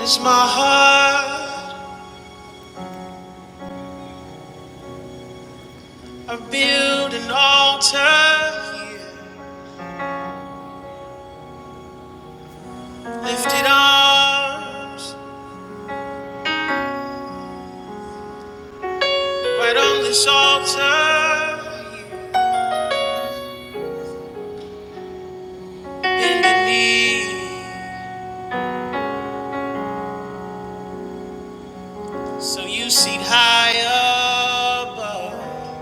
Is my heart I build an altar Lifted arms right on this altar Bend the knee so you seat high above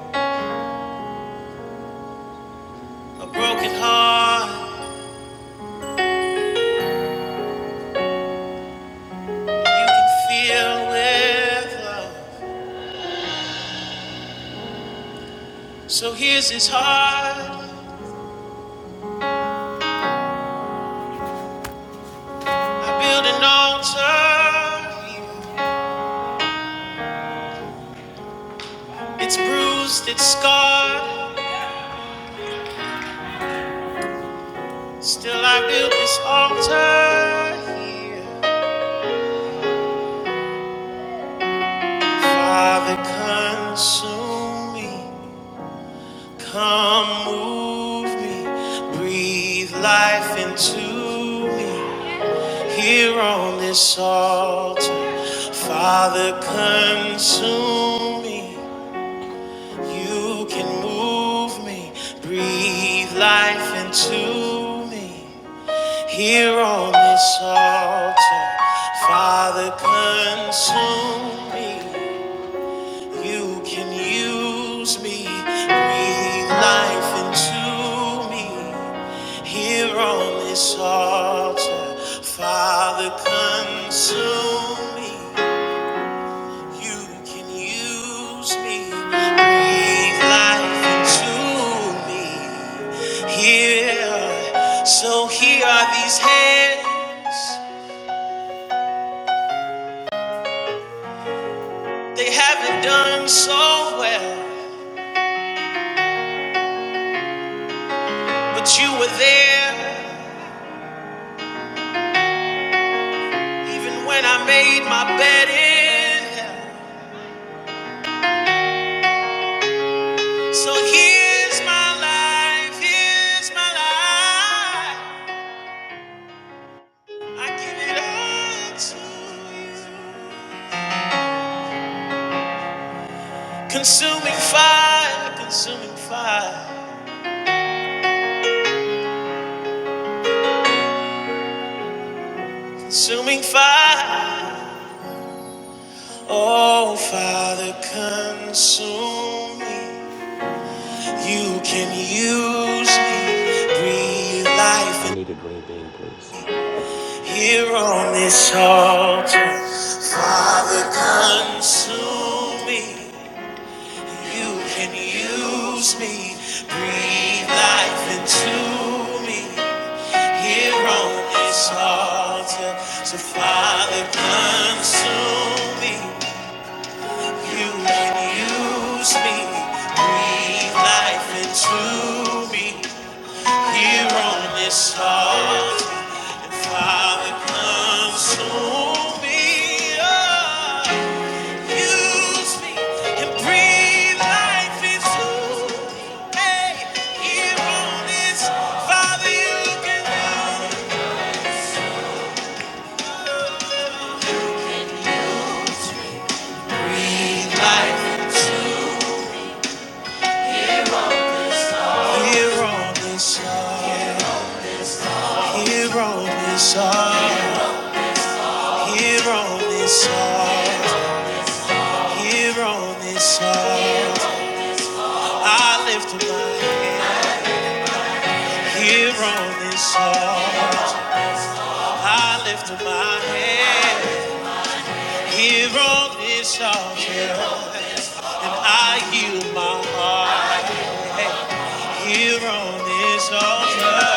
A broken heart you can feel with love So here's his heart I build an altar It's bruised, it's scarred Still, I build this altar here. Father, consume me. Come move me. Breathe life into me. Here on this altar, Father, consume me. You can move me. Breathe life into me. Here on this altar, Father, consume me. You can use me, breathe life into me. Here on this altar, Father, consume me. You can use me, breathe life into me. Here, so here are these hands. They haven't done so well, but you were there even when I made my bed in hell. So here's my life, here's my life. I give it all to you. Consuming fire, consuming fire, consuming fire. Oh, Father, consume me. You can use me, breathe life. I need a green bean, please. Here on this altar, Father, consume me. You can use me, breathe life into me. Here on this altar, so Father, consume me. You can use me, breathe life into me. Here on this heart, and Father, consume me. Oh, use me and breathe life into me. Hey, here on this, Father, you can do. Breathe life into me. Here on this heart, here on this heart, here on this heart, here on this heart. I lift up my hand here on this altar. I lift up my hand here on this altar, and I yield my heart here on this altar.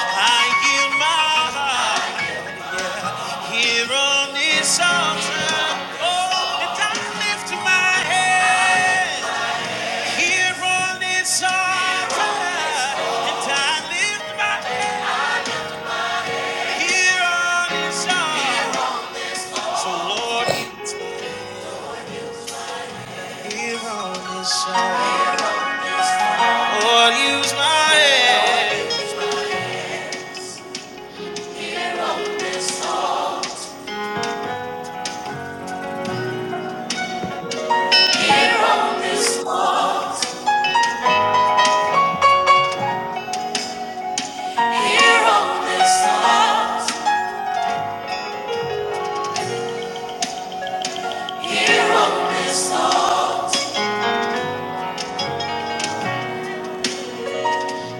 I yield my heart here on this altar. Oh, and I lift up my hand here on this altar, and I lift my hand here on this altar. So Lord, use me here on this side. Lord, use my head. Here on this side, this side.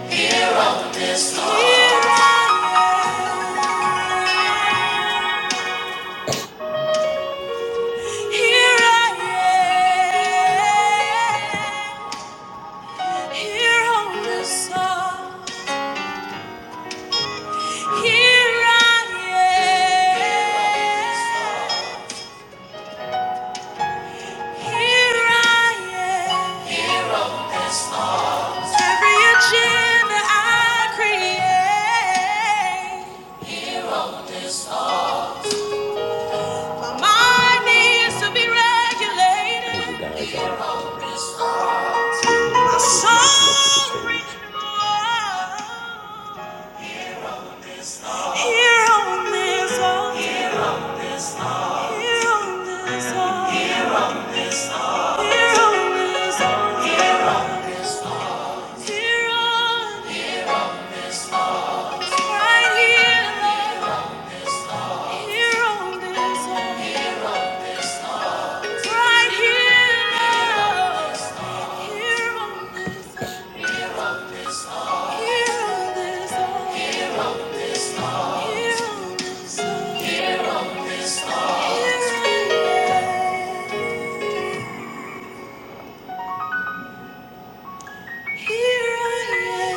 Here on this side. Here I am. Here I am. Here on this side. Here I am. Here I am. Every agenda I create, my mind needs to be regulated. As you guys are um, being My invited, you will come up to soul the stage. renewed. Here on this earth. here on this earth. here on this earth. here on, this earth, here on, right here, Lord, here on this earth. Right here, on this earth. Here on this earth. Here on this Here on this Here I am. Here I am.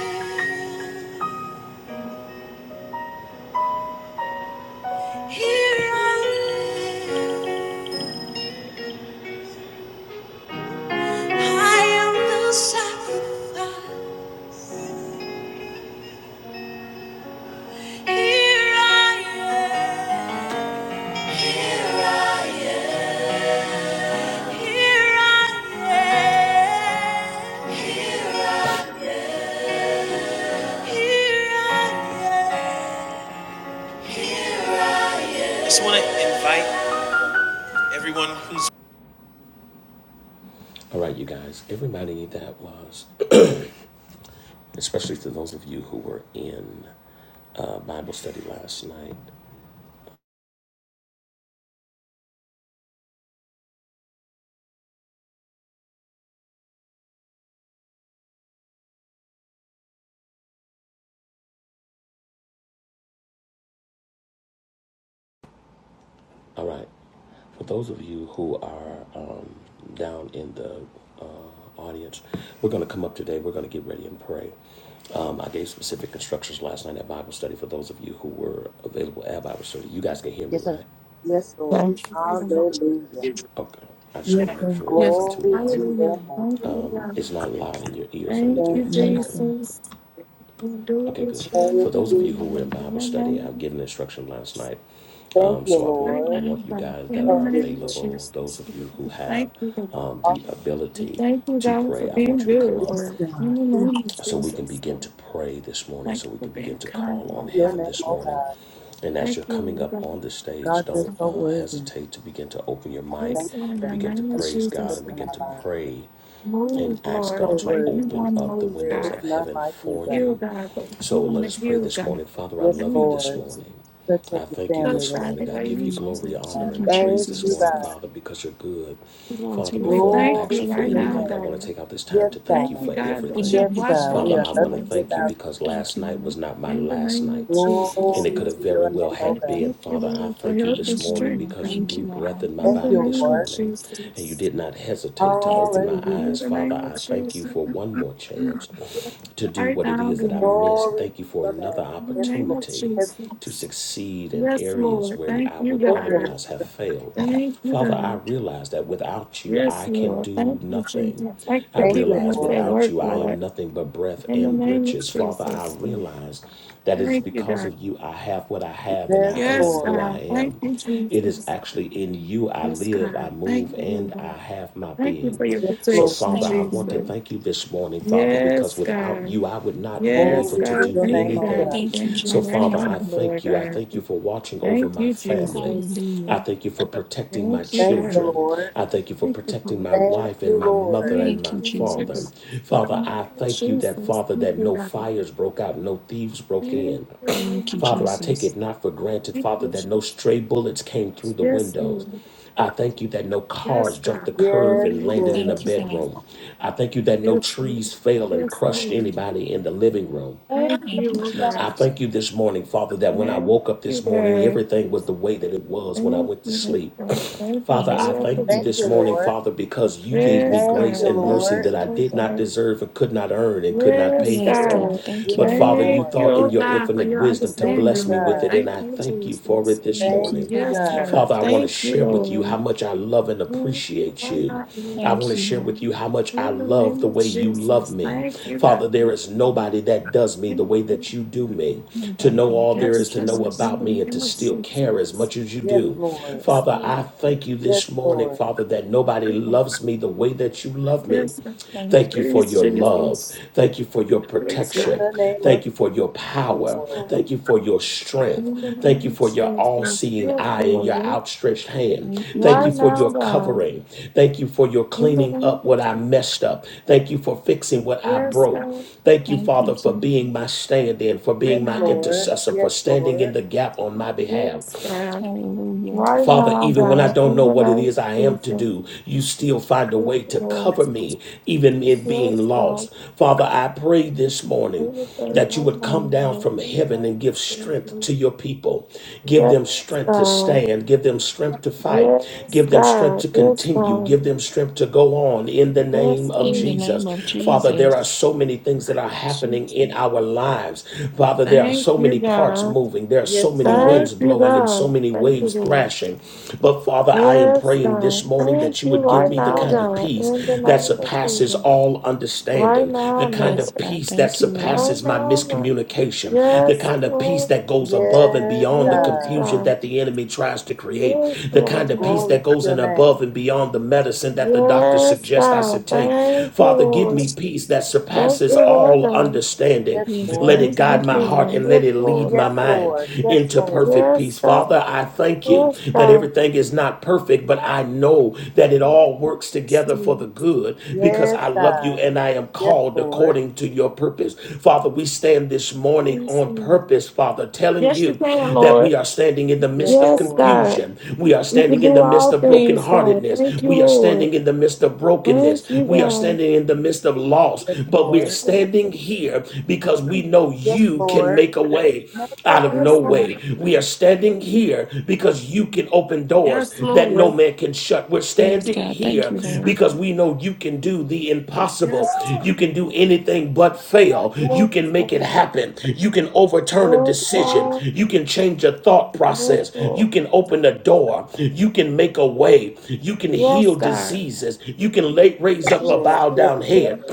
Here I am. I am the sacrifice. Here I am. Here I am. Here I am. Here I am. Here I am. Here I am. Just want to invite everyone who's All right, you guys, everybody that was, especially to those of you who were in uh, Bible study last night. All right, for those of you who are um, down in the uh, audience, we're going to come up today. We're going to get ready and pray. Um, I gave specific instructions last night at Bible study for those of you who were available at Bible study. You guys can hear me, Yes, sir. right? Yes, Lord. Okay. Hallelujah. Okay. I just want to make sure it Yes. wasn't too Glory loud. to your Hallelujah. name. Thank you, God. It's not loud in your ears or Thank anything you, Thank like you, that, is Lord. it? Jesus. We do Okay, this good. in For Thank the those of you. you who were in name of Bible your study, I've name. given instruction last night. Thank Um, you, so I want Right I Lord. now, want you God. guys that In So are the good. name of available, those Jesus. of you who have Thank you, God. um, Oh, the We ability Thank you, to God, for pray, I want being you to come good, up yes, Lord. God. In the Yes, name of so we can Jesus, begin Lord. to pray this morning, Thank so you we for can begin being to kind, call on Lord Your God. heaven name, this oh morning. God. And as you're Thank coming you, up God. on the stage, God, you're don't so uh, Something. worthy. hesitate to begin to open your I mic thank Yes, you, Lord, in and God. the begin to name of Thank you praise for God Jesus, and touching begin our to Lord. lives. pray Move, and ask Lord, the God So to way you worthy. want open to up the move, There windows is God. of none heaven like you, for God. Heal, you. God, but we So want let us to pray heal, this God, in morning. Father, I Yes, the love name you of this Lord. Jesus. morning. Touch I every thank you family Touch, this that's God, the morning. I way give you you should Hallelujah. represented glory, here, teach, God. honor, Thank in the you, and name praise Thank of this you, Jesus. morning, Jesus. God. Father, because you're good. Glory to Father, your We before name, I thank God. Glory ask you you Thank for to right you, your now, Lord. anything, I want name. to God. take out this time Yes, We to thank thank you God. you, for God, We that everything. you love Yes, you, watched God. God, we over Father, are I Thank us you, want to nothing Lord. thank you without tonight. you, because God. Thank last you, night Lord. was not my in the last name of night. Jesus. And it Glory could Lord. have to very your name, well oh We had God. been, thank you, Father, I Lord, for thank you help and this morning strength, Hallelujah. because you Thank God. blew you, breath God. in my In Thank the body you, this name of Lord. morning and you Jesus. did not hesitate to Yes, open my God. Hallelujah. In eyes. the Father, name of I thank Jesus. you for one more chance to do Right what it now, is that I God. missed. Glory Thank you to for your another name. In Yes, the name Lord. of opportunity Yes, Lord. to Jesus. succeed in Yes, areas Lord. where Thank I you, would Thank you, Lord. God. otherwise have failed. Thank you, Father, God. I realize that without you, Yes, I can Lord. do Thank you, nothing. Jesus. Thank you I for Thank you, keeping realize us Lord. at without work, you, I am Lord. nothing but breath In the and name of breeches. Father, I Jesus. Lord. realize that it is Thank you, because God. of you I have what I have and Yes, I Yes, am who Lord. I God. Thank am. you, It is Jesus. actually in you I Yes, live, I God. move, Thank you, and Lord. I have my Thank you being. for your Yes, So, Lord. protection, Father, Thank I you, want to Jesus. Lord. thank you this morning, Father, because Yes, without God. you, I would not be Yes, able Glory to to God. do your Thank you, name, oh God, anything. for God. Thank you, being So, God right Father, Jesus. now, I Lord thank you. I God. thank you for watching over Thank my you, family. Jesus. I Hallelujah. thank you for protecting my Thank you, Thank you, God. children. Lord. I thank you for Thank you, protecting my Father. Thank wife and you, my Lord. mother Thank and Thank my you, you, Lord father. God. Jesus. In Father, the name I of thank you that, Jesus. Father, Thank that you, no God. fires broke out, no thieves broke Yes, in. Thank you, Father, I take Jesus. it not for granted, Father, that no stray bullets came through the windows. Lord. I thank you that no Yes, cars jumped God. the curve Yes, and Amen. landed Lord. in a Thank you, God. Jesus. bedroom. I thank you that no Yes, Lord. trees fell and Yes, crushed Lord. anybody in the living room. Thank you, Thank you, Lord God. I Jesus. thank you this morning, Father, that when I Thank woke up you, this morning, God. everything was the way that it was when I Thank you, went to Lord sleep. God. Thank you Father, for Yes, I your thank you Lord. Thank this you, protection. morning, Lord. Father, because you gave me Yes, Thank grace you, God. and Thank mercy Lord. you, that I Lord did not God. deserve and could not earn and could not pay Yes, Yes, Yes, for. God. God. Lord. Thank you, But Yes, Lord. Father, you Thank Lord. you, thought in oh your God, for infinite your wisdom to Thank you, bless understanding, me with Lord. God. it, and Thank I you, thank you for Jesus. it this Thank Thank you, morning. you, Yes, God. God. God. Father, I want to Thank you, share with you Lord. how much I love and Thank you, appreciate Lord you. God. I want Thank to you, share with Lord. you how much I In the love name the of way you love Jesus, me. thank you, God. Father, there is nobody that does me Thank the way you. that you do God. me. To Nobody know gonna all there thank you, is Yes, to know God, Jesus. in about the me and to name of still care as Jesus. much as you Yes, do. Lord. Yes, Father, Lord. I thank you Yes, this morning, Lord. Father, that nobody Yes, loves me the way that you love me. God. Thank you. Thank you for Praise your love. Jesus. Thank you for your Praise In protection. God. the name of Thank you for Jesus, your yes, Yes, power. Lord. Lord. Thank you for your strength. In the name Thank you of for your Jesus. all seeing Yes, eye and your Lord. outstretched hand. Thank you, Thank you Right for Jesus. now, your God. covering. Thank you for your In the cleaning name up of what I Jesus. messed up. Thank you for fixing what I Yes, broke. God. Thank you, Thank you, Father, for Jesus. being my stand in, for Right Yes, being my now, Lord. Lord. intercessor, for Yes, standing in Lord. the gap on my behalf. Yes, God. Hallelujah. Right Father, now, even when I God. don't In know the what it name is of I am to Jesus. do, you still find a Yes, way to Lord. cover me, even in being Yes, God. lost. Father, I pray this morning Yes, that you would God. come down Yes, from heaven and give strength to your people. Give them strength to stand. Give them strength to fight. Give them strength God. to Yes, continue. God. Give them strength to go on in the Yes, name of In the Lord. Jesus. name of Father, there Jesus. are so many things that are happening Jesus. in our lives. Father, there are Thank so you, many parts God. moving. There are Yes, so many winds Lord. Thank winds you, blowing and so God. many Thank you, waves Lord. thrashing. But Father, I am Yes, praying this God. morning Thank that you you would give right me Yes, the now, kind Lord. of God. peace In the that name of surpasses Jesus. all Right understanding, now, the kind Yes, of Lord. God. peace that Thank you, Lord. Right surpasses my now, Lord. miscommunication, the Yes, kind of peace Lord. that goes above and Yes, beyond the Yes, God. confusion God. that the enemy tries to create, Yes, the Lord kind of God. peace Glory that to goes your in name. above and beyond the medicine that the doctor Yes, suggests I should God. take. Thank you, Father, give me Lord. peace that Thank surpasses you, Lord all God. understanding. Yes, Yes, Let Lord. God. it Thank guide you, Thank my you, Jesus. heart and Lord. and let Yes, it lead Lord. my Yes, mind Lord. Yes, into Lord. perfect Yes, peace. Father, God. I thank you Yes, that God. everything is not perfect, but I know that it all works Yes, together for Lord. the good because I Yes, love you God. and I am Yes, called Lord. according to your purpose. Father, we stand this morning Yes, on Lord. purpose, Father, telling Yes, you you can, that Lord. we are standing in the Yes, midst of Yes, Lord. God. confusion. We are You can standing in do the midst all of things, God. Thank brokenheartedness. you, We are Lord. standing in the midst of brokenness. Thank you, We are God. standing in the midst of loss, Yes, but we are Yes, Lord. Lord. standing here here because we know Yes, you can Lord. make a way out of no Yes, way. Lord. We are standing here because you can open doors Yes, that no Yes, Lord. man can shut. We're Yes, standing God. Thank here you, Yes, Lord. because God. we know you can do the impossible. Yes, God. You can do anything but fail. You Yes, can make it God. happen. You can overturn a Yes, decision. God. You can change a thought Yes, process. You Lord. can open a door. You can make a way. You can heal Yes, God. diseases. You can lay, raise up a Yes, Lord. bowed Yes, down Lord. head. Lord.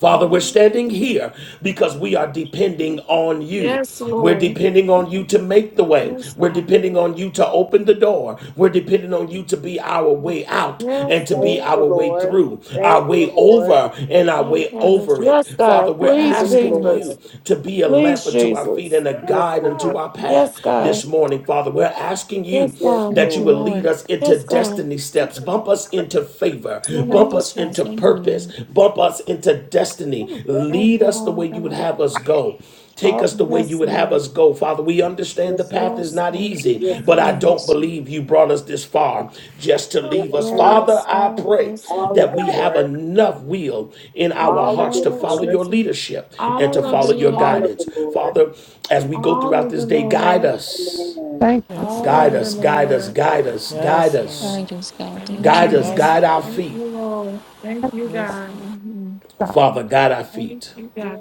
Father, we're standing here because we are depending on you. Yes, We're Lord. depending on you to make the way. Yes, We're God. depending on you to open the door. We're depending on you to be our way out Yes, and to be Thank Lord. our you, way Lord. through, our Thank you, way Lord. over and our Thank way you. Jesus. over it. Yes, Father, God. we're Please, Thank you, Yes, asking God. Lord. you Jesus. to be a Please, lamp unto our feet Jesus. and a Yes, guide unto Lord. our path Yes, this God. morning. Father, we're asking you Yes, Yes, God. that Thank you you, will Lord. lead Lord. us into Yes, God. destiny steps by Bump us into favor, In the Help name bump of us, us God. Jesus. into Thank you, purpose, Lord. bump us into destiny. Oh, Thank Lead you, us the way Lord you would God. have us go. Take Oh, us the way hmm you yes, would have Lord. us go. Father, we understand the Yes, path Lord. is Yes, not Lord. easy, In the Yes, Lord. name but of I don't Yes. Jesus. believe you brought us this far just to In leave the us. name of Father, Yes, I God. pray Yes, all of that God. the we have Lord, enough will in In our the all of hearts the name to of follow Lord, your Jesus. leadership and to All of it, follow Yes, your all God. Lord. of guidance. the Lord. Father, as we go All throughout of this it, day, guide Lord. us. Amen. Thank Yes, all Guide of Lord. it, us, guide us, Lord. guide us, guide Yes, Lord. us. Guide us, God. Thank you, Guide us, Lord. Yes, Amen. guide Lord. our Thank feet. you, Lord. Thank you, Yes, God. Lord. hmm Father, guide our Thank feet. you, God.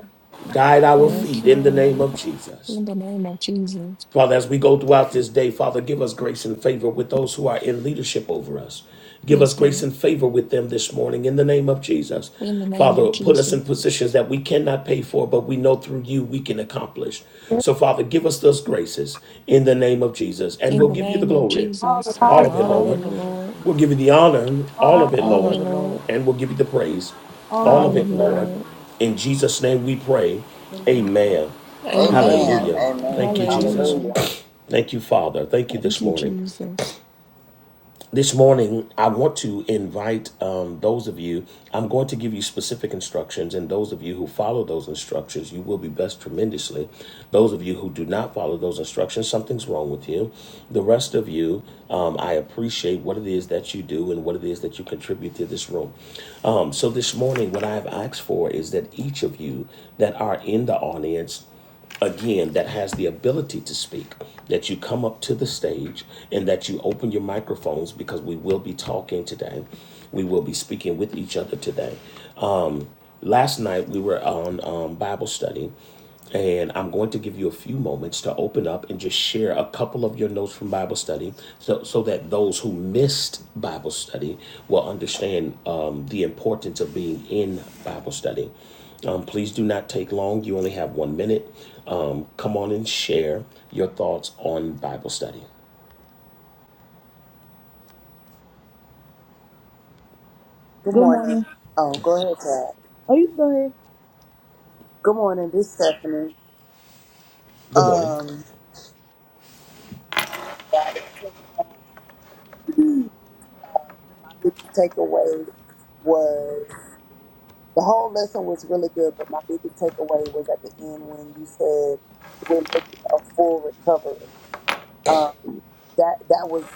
Guide our Yes, Thank feet you, in the name Lord. Lord. of Jesus. In the name of Jesus. Father, as we go throughout this day, Father, give us grace and favor with those who are in leadership over us. Give us Yes, grace God. and favor with them this morning in the name of Jesus. In the name Father, of put us Jesus. in positions that we cannot pay for, but we know through you we can accomplish. you. So, Father, give us those graces in the name of Jesus, and In we'll the give you the name of glory, Jesus. Hallelujah. all of it, All of it, Lord. Hallelujah, Lord. Lord. We'll give you the honor, all of it, All All of you, of Lord, it, Lord. Lord. and we'll give you the praise, all of All All of of it, you, it, Lord. Lord. Lord. In Jesus' name we pray. Amen. Amen. Amen. Amen. Hallelujah. Amen. Thank you, Amen. Jesus. Hallelujah. Hallelujah. Thank you, Father. Thank you Thank this you, morning. Jesus. This morning, I want to invite um, those of you, I'm going to give you specific instructions, and those of you who follow those instructions, you will be blessed tremendously. Those of you who do not follow those instructions, something's wrong with you. The rest of you, um, I appreciate what it is that you do and what it is that you contribute to this room. Um, so, this morning, what I have asked for is that each of you that are in the audience, again that has the ability to speak that you come up to the stage and that you open your microphones because we will be talking today we will be speaking with each other today Last night we were on um, Bible study, and I'm going to give you a few moments to open up and just share a couple of your notes from Bible study so, so that those who missed Bible study will understand um, the importance of being in Bible study. Um, please do not take long. You only have one minute. Um, come on and share your thoughts on Bible study. Good morning. Oh, go ahead, Dad. Good morning. This is Stephanie. Good morning. Um, yeah, I didn't take long. Um, my biggest takeaway was the whole lesson was really good, but my biggest takeaway was at the end when you said we're making a full recovery. Um, that that was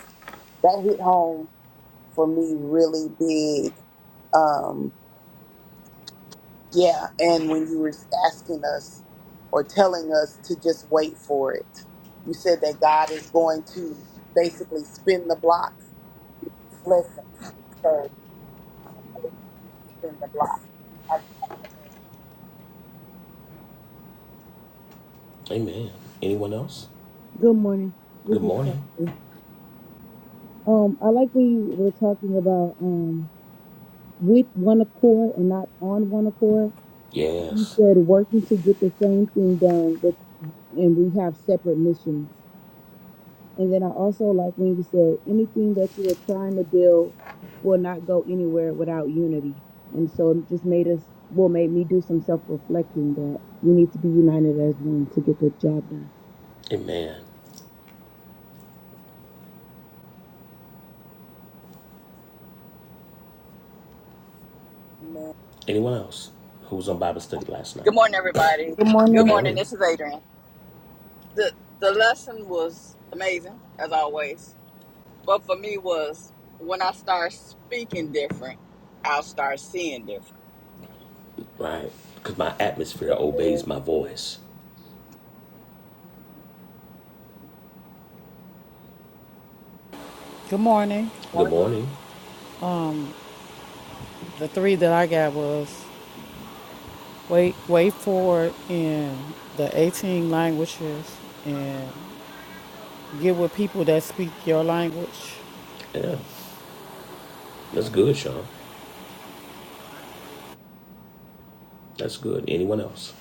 that hit home for me really big. Um, yeah, and when you were asking us or telling us to just wait for it, you said that God is going to basically spin the block with his blessing. So I'm waiting for him to spin the block. I, Amen. Anyone else? Good morning. Yes. Amen. man, Anyone else who was on Bible study last night? Good morning, everybody. Good Good morning. morning, This is Adrian. The the lesson was amazing, as always. But for me was when I start speaking different, I'll start seeing different. right? Because my atmosphere it is. obeys my yeah. voice. Good morning. Good Morning. morning. The three that I got was wait, wait for it in the 18 languages and get with people that speak your language. Yeah, that's good, Sean. That's good. Anyone else?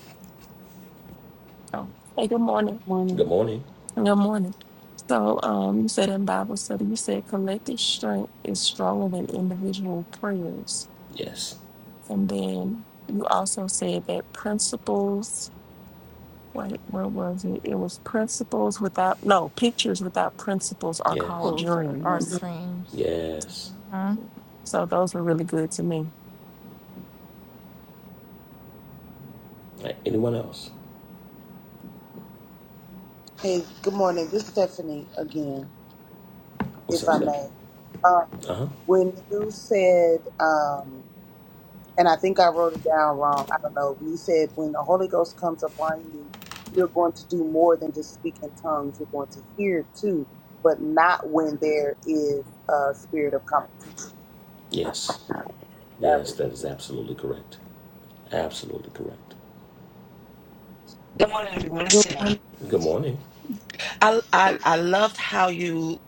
Oh, hey, good morning. Good morning. Good morning. So, um, you said in Bible study, you said collective strength is stronger than individual prayers. Yes, And then you also said that principles, wait, where was it? It was principles without, no, pictures without principles are yes, called Bulls are, are Mm. the dreams. dreams. yes. Uh-huh. So, those were really good to me. Right. Anyone else? Hey, good morning. This is Stephanie again, What's if up, I Steph? may. Um, Uh huh. when you said, um, and I think I wrote it down wrong. I don't know. You said when the Holy Ghost comes upon you, you're going to do more than just speak in tongues. You're going to hear too, but not when there is a spirit of competition. Yes, That yes, was that is absolutely correct. Absolutely correct. Good morning, everyone. It's Tiffany. Good morning. I, I I loved how you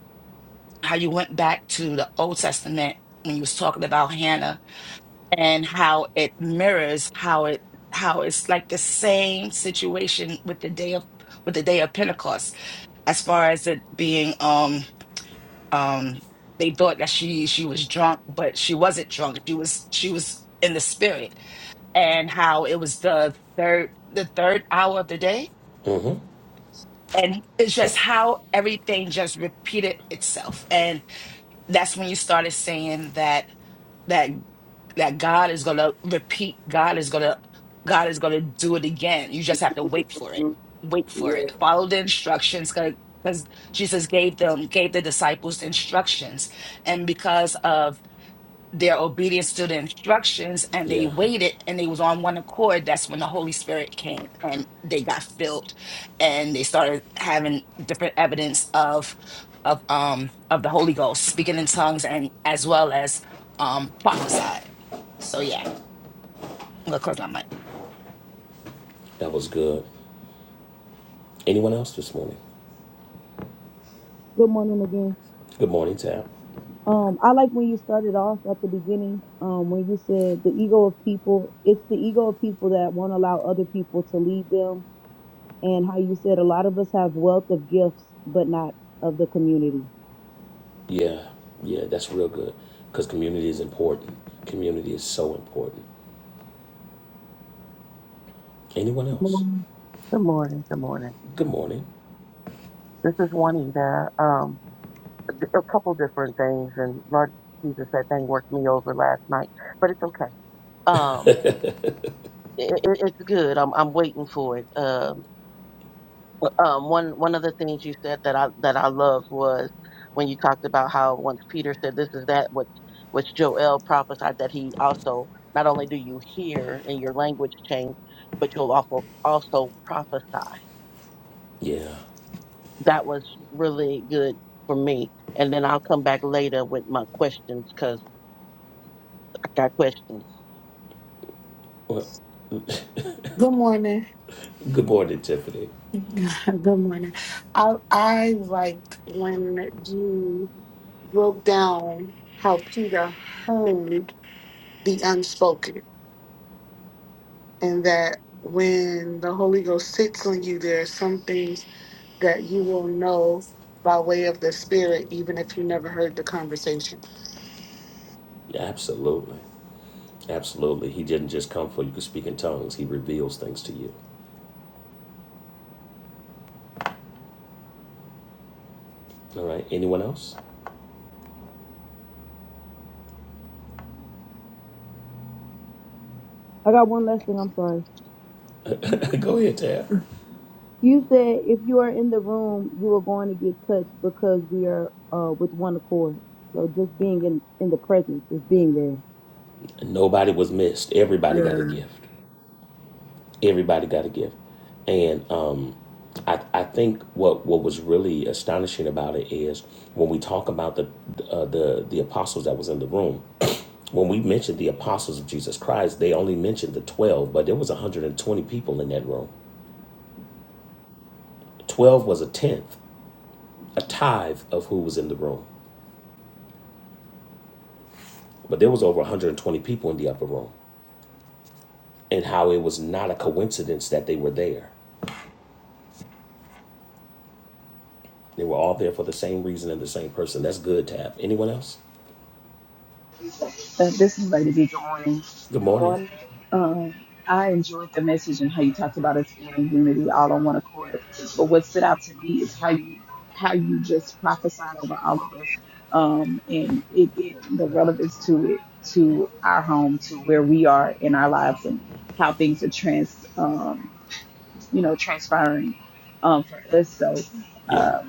how you went back to the Old Testament when you was talking about Hannah and how it mirrors how it how it's like the same situation with the day of with the day of Pentecost as far as it being um um they thought that she she was drunk but she wasn't drunk she was she was in the spirit and how it was the third the third hour of the day Mm hmm. and it's just how everything just repeated itself and that's when you started saying that that that god is gonna repeat god is gonna god is gonna do it again you just have to wait for it Mhm. wait yeah. for it Good follow the instructions because jesus gave them gave the disciples the instructions and because of their obedience to the instructions and they Yeah, waited and they was on one accord that's when the holy spirit came and they got filled and they started having different evidence of of um of the holy ghost speaking in tongues and as well as um prophesied so yeah i'm gonna close my mic that was good. Anyone else this morning? Good morning, Tab. Yeah, yeah, that's real good. Because community is important. Community is so important. Anyone else? morning. Good morning. Good morning. Good morning. This is Juanita. Um, a couple different things, and Lord Jesus, that thing worked me over last night, but it's okay. Um, it, it, it's good. I'm I'm waiting for it. Um, um, one one of the things you said that I that I loved was when you talked about how once Peter said, "This is that which which Joel prophesied," that he also not only do you hear and your language change, but you'll also also prophesy. Yeah. that was really good for me. And then I'll come back later with my questions because I got questions. Well, Good morning. good morning, Tiffany. Good morning. I I liked when you broke down how Peter heard the unspoken, and that when the Holy Ghost sits on you, there are some things that you will know by way of the Spirit, even if you never heard the conversation. Yeah, Absolutely. Absolutely. He didn't just come for you to speak in tongues, he reveals things to you. All right. Anyone else? Go ahead, Tab. Nobody was missed. Everybody got a gift. everybody got a gift and um I, I think what, what was really astonishing about it is when we talk about the uh, the the apostles that was in the room. When we mentioned the apostles of Jesus Christ, they only mentioned the twelve, but there was 120 people in that room. Twelve was a tenth, a tithe of who was in the room, but there was over 120 people in the upper room, and how it was not a coincidence that they were there. They were all there for the same reason and the same person. That's good, Tab. Anyone else? Good morning. morning. Yeah.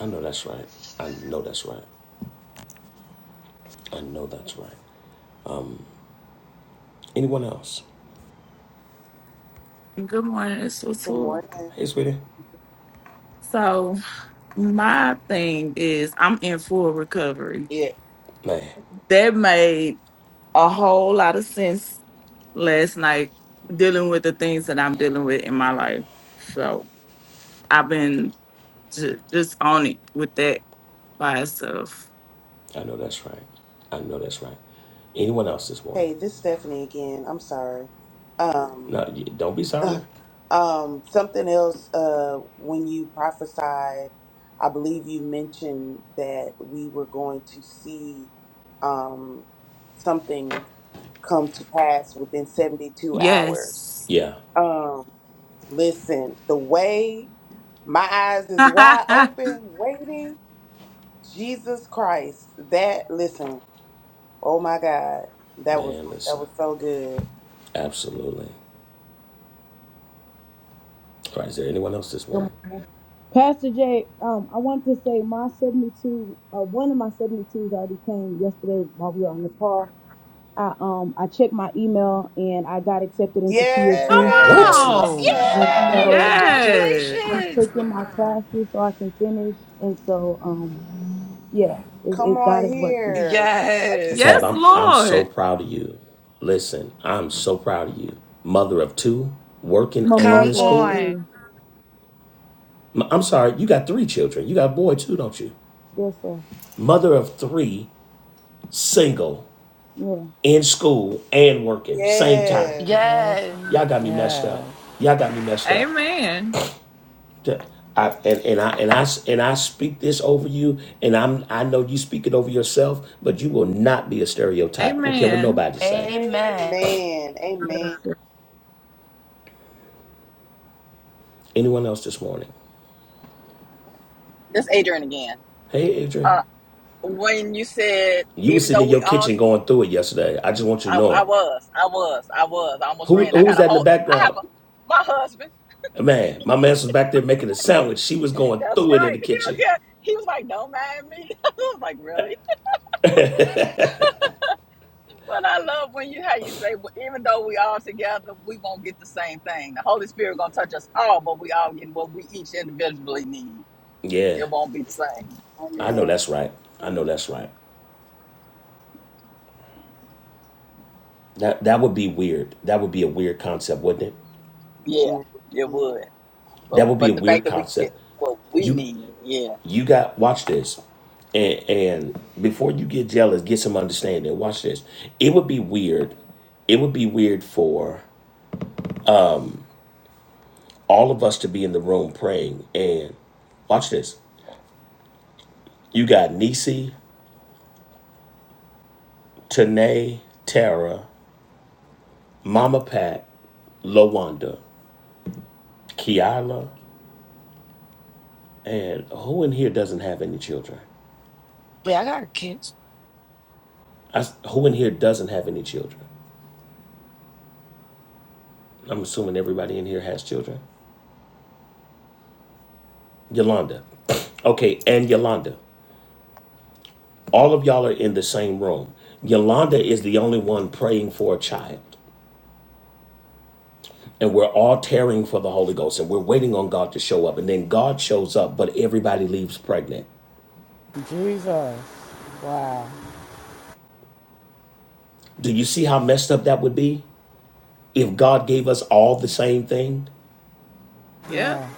I know that's right. I know that's right. I know that's right. Anyone else? Good morning. It's Good Latour. morning. Hey, sweetie. So my thing is I'm in full recovery. Yeah. Man, That made a whole lot of sense last night dealing with the things that I'm dealing with in my life. So I've been ju- just on it with that by itself. I know that's right. I know that's right. Anyone else this morning? Hey, this is Stephanie again. I'm sorry. Um, No, you- don't be Uh, sorry. um, something else, uh, when you prophesied, I believe you mentioned that we were going to see um, something come to pass within 72 hours. Yes. Yeah, Um, listen, the way my eyes is Come wide open, waiting, Jesus Christ, that, listen, oh my God, that was, man, that listen. was so good. Absolutely. All right, is there anyone else this morning? yes What? Yes. lord on. yeah. yay Yes. congratulations Come on here. yes Yes, Tab, I'm Congratulations. I'm so Lord. proud of you. Listen, I'm so proud of you. Mother of two, working and come in school. on M- I'm sorry, you got three children. You got a boy too, don't you? Mother of three, single. in school and working same time. Yes. Yes, yes Y'all Lord. got me messed yes. up. Y'all got me messed up. Amen. T- I, and, and I and I and I speak this over you, and I'm I know you speak it over yourself, but you will not be a stereotype. I don't care what Amen. nobody say. amen Amen. Amen. Anyone else this morning? This Adrian again. Hey, Adrian, Uh, when you said, you were even sitting though in your we all kitchen do, going through it yesterday. I just want you to I, know I it. was, I was, I was. I almost Who ran. I who was got a that in the whole, I have background? a, my husband. Man, my man was back there making a sandwich. She was going That's through it in right. the He don't kitchen. care. He was like, don't mind me. I was like, really? But I love when you how you say, well, even though we all together, we won't get the same thing. The Holy Spirit gonna touch us all, but we all get what we each individually need. Yeah, It won't be the same. I know Amen. that's right. I know that's right. That that would be weird. That would be a weird concept, wouldn't it? Yeah, yeah it Mhm. would. But That would be a but the fact weird that we get concept. what we You need, yeah. you got watch this. And and before you get jealous, get some understanding. Watch this. It would be weird. It would be weird for all of us to be in the room praying and watch this. You got Nisi, Tanae, Tara, Mama Pat, Lawanda, Kiala, and who in here doesn't have any children? wait i got kids I s who in here doesn't have any children? I'm assuming everybody in here has children. Yolanda. Okay, and Yolanda. All of y'all are in the same room. Yolanda is the only one praying for a child. And we're all tearing for the Holy Ghost and we're waiting on God to show up. And then God shows up, but everybody leaves pregnant. Jesus. Wow. Do you see how messed up that would be if God gave us all the same thing? Yep, Yeah.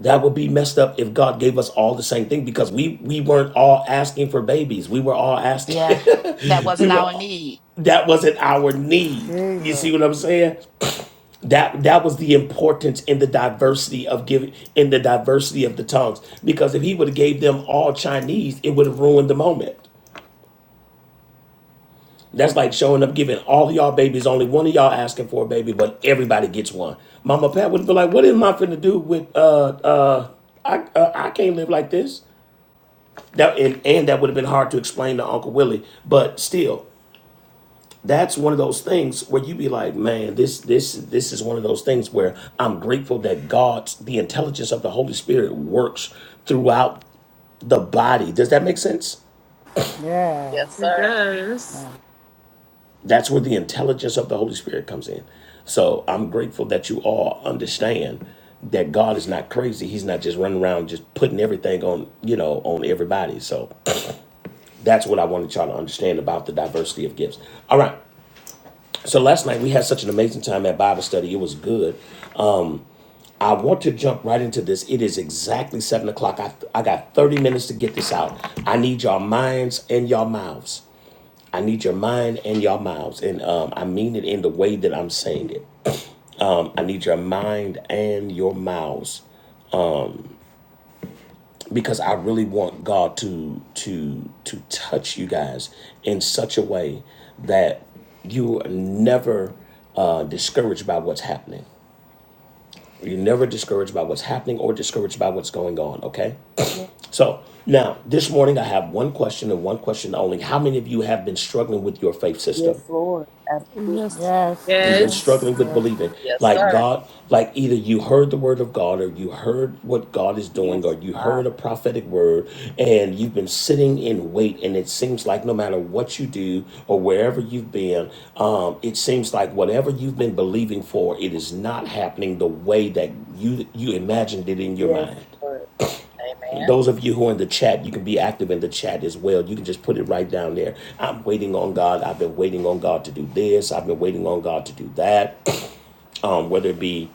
That would be messed up if God gave us all the same thing because we we weren't all asking for babies. We were all yeah asking. that we wasn't were our need that wasn't our need. You Jesus. see what I'm saying? That that was the importance in the diversity of giving in the diversity of the tongues. Because if he would have gave them all Chinese, it would have ruined the moment. That's like showing up giving all y'all babies, only one of y'all asking for a baby, but everybody gets one. Mama Pat would be like, "What am I finna do with uh uh I uh, I can't live like this." That and, and that would have been hard to explain to Uncle Willie. But still, that's one of those things where you be like, man, this this this is one of those things where I'm grateful that God's the intelligence of the Holy Spirit works throughout the body. Does that make sense? Yeah. Yes, it sir. does. That's where the intelligence of the Holy Spirit comes in. So I'm grateful that you all understand that God is not crazy. He's not just running around just putting everything on, you know, on everybody. So that's what I wanted y'all to understand about the diversity of gifts. All right. So last night we had such an amazing time at Bible study. It was good. I want to jump right into this. It is exactly seven o'clock. I, I got 30 minutes to get this out. I need your minds and your mouths. I need your mind and your mouths. And um, I mean it in the way that I'm saying it. Um, I need your mind and your mouths because I really want God to to to touch you guys in such a way that you are never uh, discouraged by what's happening. You're never discouraged by what's happening or discouraged by what's going on, okay? So now, this morning I have one question and one question only. How many of you have been struggling with your faith system? Yes, Lord. Absolutely. Yes. Yes, You've been Yes. Yes. struggling with yes, yes, believing. Yes, Like sir. God, like either you heard the word of God or you heard what God is doing or Yes, you heard a Father. prophetic word and you've been sitting in wait and it seems like no matter what you do or wherever you've been, um, it seems like whatever you've been believing for, it is not happening the way that you you imagined it in your Yes, mind. Lord. Amen. Those of you who are in the chat, you can be active in the chat as well. You can just put it right down there. I'm waiting on God. I've been waiting on God to do this. I've been waiting on God to do that um, whether it be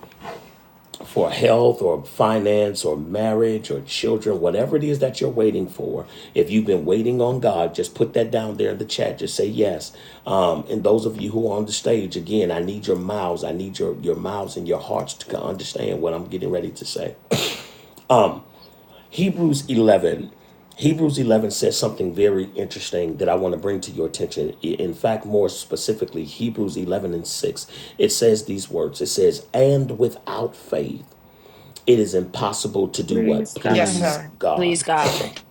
for health or finance or marriage or children, whatever it is that you're waiting for. If you've been waiting on God, just put that down there in the chat. Just say yes. Um, and those of you who are on the stage, again, I need your mouths. I need your, your mouths and your hearts to understand what I'm getting ready to say. Hebrews 11. Hebrews 11 says something very interesting that I want to bring to your attention. In fact, more specifically, Hebrews 11 and 6, it says these words It says, And without faith, it is impossible to do what? Praise Yes, God. Please sir. Please, God. God.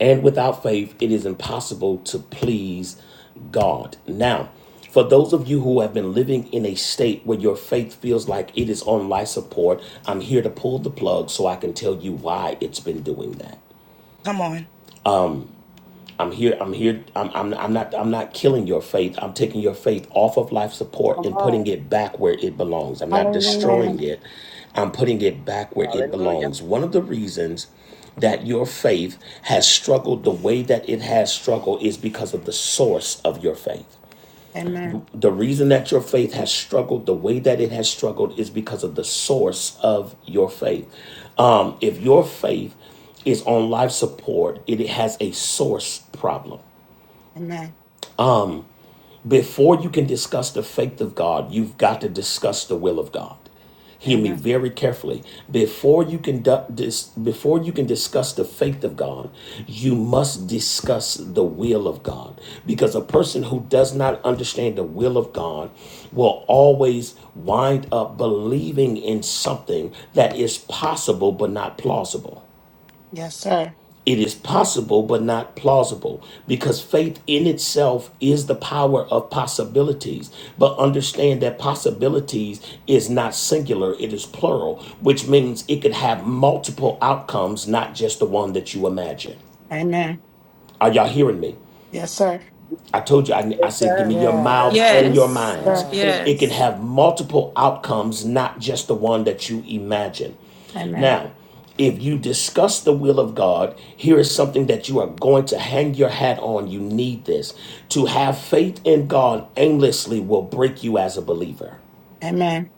And without faith, it is impossible to please God. Now, for those of you who have been living in a state where your faith feels like it is on life support, I'm here to pull the plug so I can tell you why it's been doing that. Come on. I'm here. I'm here. I'm, I'm. I'm not. I'm not killing your faith. I'm taking your faith off of life support Come and putting on. it back where it belongs. I'm not Come Hallelujah. destroying on. it. I'm putting it back where it Hallelujah. belongs. One of the reasons that your faith has struggled the way that it has struggled is because of the source of your faith. Amen. The reason that your faith has struggled the way that it has struggled is because of the source of your faith. Um, if your faith is on life support, it has a source problem. Amen. Before you can discuss the faith of God, you've got to discuss the will of God. Hear me Amen. very carefully. Before you can dis- before you can discuss the faith of God, you must discuss the will of God. Because a person who does not understand the will of God will always wind up believing in something that is possible but not plausible. Yes, sir. It is possible, but not plausible, because faith in itself is the power of possibilities. But understand that possibilities is not singular, it is plural, which means it could have multiple outcomes, not just the one that you imagine. Amen. Are y'all hearing me? Yes, sir. I Mhm. told you, I, I Yes, said, give sir. me your Yes, yes, sir. mouths and your Yes. minds. Sir. It can Yes. have multiple outcomes, not just the one that you imagine. Amen. Now, if you discuss the will of God, here is something that you are going to hang your hat on. You need this. To have faith in God aimlessly will break you as a believer. Amen.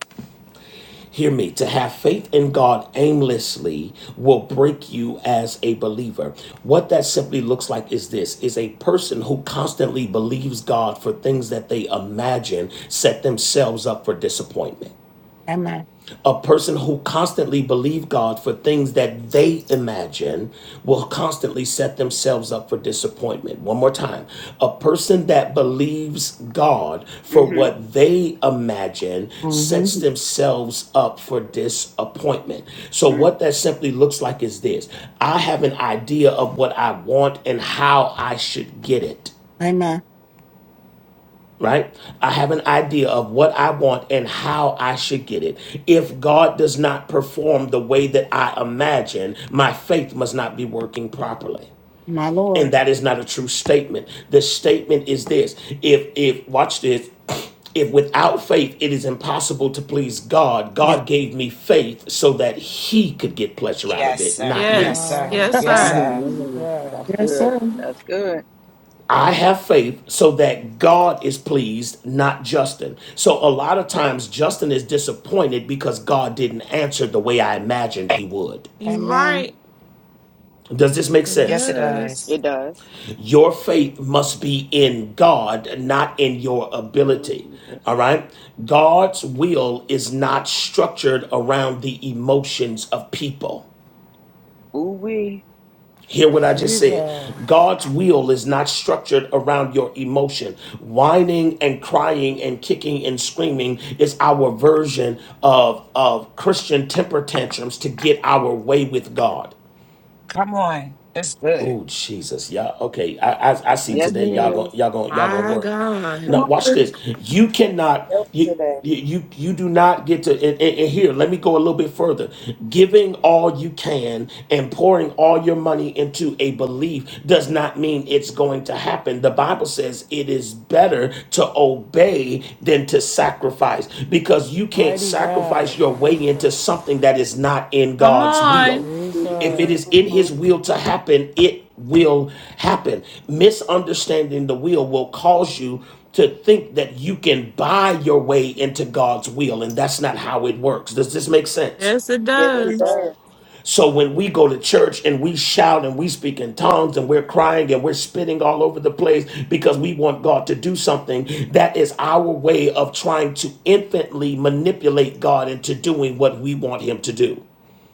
Hear me. To have faith in God aimlessly will break you as a believer. What that simply looks like is this is a person who constantly believes God for things that they imagine set themselves up for disappointment Amen. a person who constantly believes God for things that they imagine will constantly set themselves up for disappointment. One more time. A person that believes God for Mm-hmm. what they imagine sets hmm themselves up for disappointment. So Mm. what that simply looks like is this. I have an idea of what I want and how I should get it Amen. right? I have an idea of what I want and how I should get it. If God does not perform the way that I imagine, my faith must not be working properly. My And Lord. that is not a true statement. The statement is this if, if, watch this. If without faith it is impossible to please God, Yes, God gave me faith so that He could get pleasure out of Yes, it, sir. not Yes, me. Yes. no, sir. Yes, Yes, sir. yes, sir. Oh, yes. that's Yes, good. sir. That's good. I have faith so that God is pleased, not Justin. So a lot of times Justin is disappointed because God didn't answer the way I imagined he would. You're Amen. right. Does this make It Yes, it sense? does. does. It does. Your faith must be in God, not in your Lord ability. All Jesus. right? God's will is not structured around the emotions of people. Ooh wee. Hear what I just said. Jesus, God's will is not structured around your emotion. Whining and crying and kicking and screaming is our version of, of Christian temper tantrums to get our way with God. Come on. It's good. Oh Jesus, y'all. Okay, I, I I see That's Yes, today. it Y'all good. gon' is. y'all gon' y'all gonna My work. God. Now watch this. You cannot Help you. today. You, you you do not get to and, and- and here let me go a little bit further giving all you can and pouring all your money into a belief does not mean it's going to happen the bible says it is better to obey than to sacrifice because you can't mighty God, sacrifice your way into Jesus, something that is not in Come god's on. will hmm if it Jesus, is in hmm his will to happen, it will happen. Misunderstanding the will will cause you to think that you can buy your way into God's will, and that's not how it works. Does this make sense? Yes, it Yes, Yes, it does. sir. does. So when we go to church and we shout and we speak in tongues and we're crying and we're spitting all over the place because we want God to do something, that is our way of trying to infinitely manipulate God into doing what we want him to do.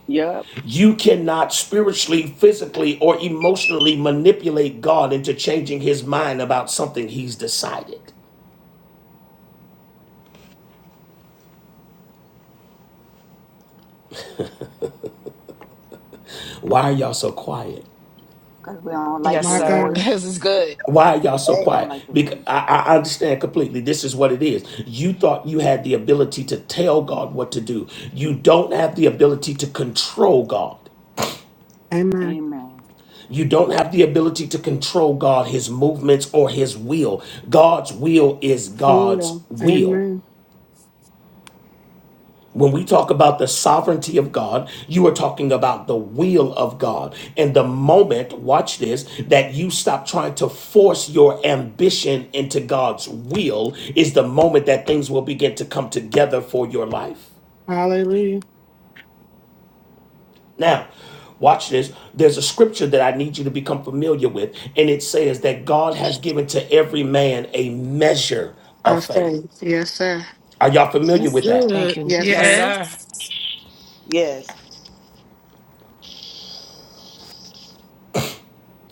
Yep. You cannot spiritually, physically, or emotionally manipulate God into changing his mind about something he's decided. Why are y'all so quiet? Because we don't like Yes, My your sir. God. voice. This is good. It's Why are y'all so I Today. don't quiet? like your Because voice. I, I understand completely. This is what it is. You thought you had the ability to tell God what to do. You don't have the ability to control God. Amen. Amen. You don't have the ability to control God, his movements, or his will. God's will is God's Will. will. Amen. When we talk about the sovereignty of God, you are talking about the will of God. And the moment, watch this, that you stop trying to force your ambition into God's will is the moment that things will begin to come together for your life. Hallelujah. Now, watch this. There's a scripture that I need you to become familiar with, and it says that God has given to every man a measure Our of faith. faith. Yes, sir. Are y'all familiar That's with that? Thank good. you, Yes, Yes, sir. sir. Yes. Yes.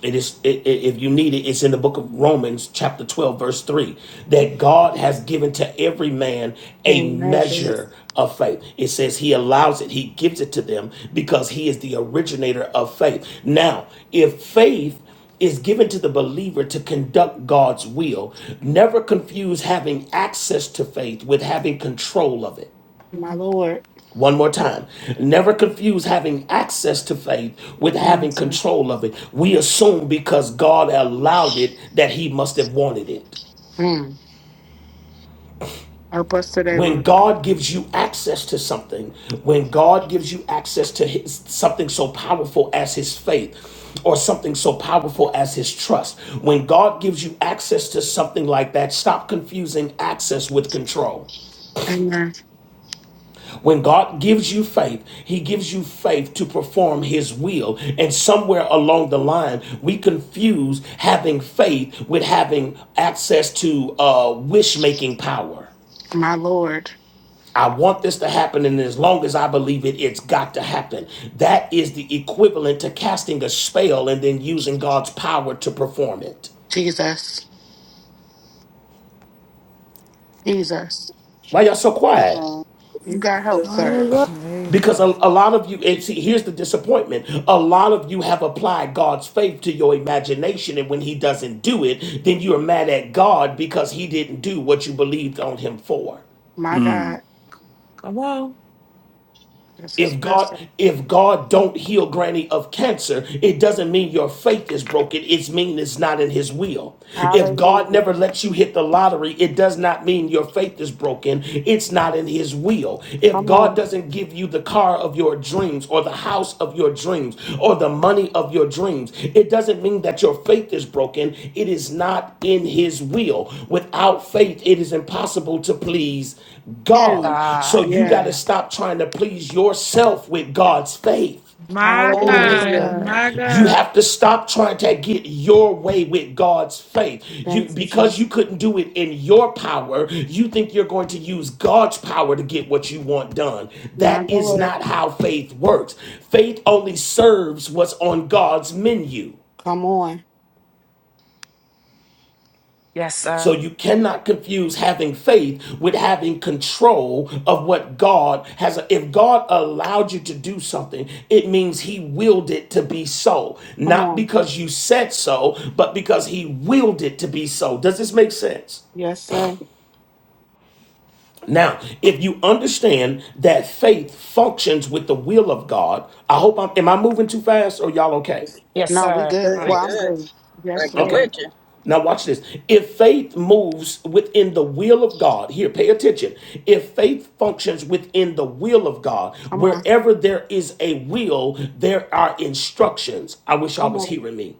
It is, it, it, if you need it, it's in the book of Romans, chapter 12, verse 3, that God has given to every man a In measure measures. of faith. It says He allows it, He gives it to them because He is the originator of faith. Now, if faith is given to the believer to conduct God's will, never confuse having access to faith with having control of it. My Lord. One more time. Never confuse having access to faith with Come on, having sir. control of it. We assume because God allowed it that he must have wanted it. Mm. Help us today, When Lord. God gives you access to something, when God gives you access to his, something so powerful as his faith, or something so powerful as his trust. When God gives you access to something like that, stop confusing access with control. Amen. When God gives you faith, He gives you faith to perform His will. And somewhere along the line, we confuse having faith with having access to uh, wish making power. My Lord. I want this to happen, and as long as I believe it, it's got to happen. That is the equivalent to casting a spell and then using God's power to perform it. Jesus. Jesus. Why y'all so Come quiet? on. This You is got help, good. sir. mighty Good. God, Because a, Jesus, a lot of you, and see, here's the disappointment. A lot of you have applied God's faith to your imagination, and when He doesn't do it, then you are mad at God because He didn't do what you believed on Him for. My Mm. God. Come on. This is If God, person. if God don't heal Granny of cancer, it doesn't mean your faith is broken. It's mean it's not in His will. If God Hallelujah. never lets you hit the lottery, it does not mean your faith is broken. It's not in His will. If Come God on. doesn't give you the car of your dreams, dreams or the house of your dreams or the money of your dreams. It doesn't mean that your faith is broken. It is not in his will. Without faith, it is impossible to please God. Him. So God. you got to Yeah. Yes. stop trying to please yourself with God's faith. My Oh, My this God. Hallelujah. good. God. My You God. have to stop trying to get your way with God's faith. You Thank you, because Jesus. you couldn't do it in your power, you think you're going to use God's power to get what you want done. My That is Lord. not how faith works. Faith only serves what's on God's menu. Come on. Yes, sir. So you cannot confuse having faith with having control of what God has. If God allowed you to do something, it means He willed it to be so. Come Not on. because you said so, but because He willed it to be so. Does this make sense? Yes, sir. Now, if you understand that faith functions with the will of God, I hope I'm. Am I moving too fast or y'all okay? This is Yes, No, we sir. good. good. We Mm. Well, I'm good. good. Yes, Drinking Okay. Lord. with you. Now watch this. If faith moves within the will of God, here, pay attention. If faith functions within the will of God, Come on. wherever there is a will, there are instructions. I wish y'all Come was on. hearing me.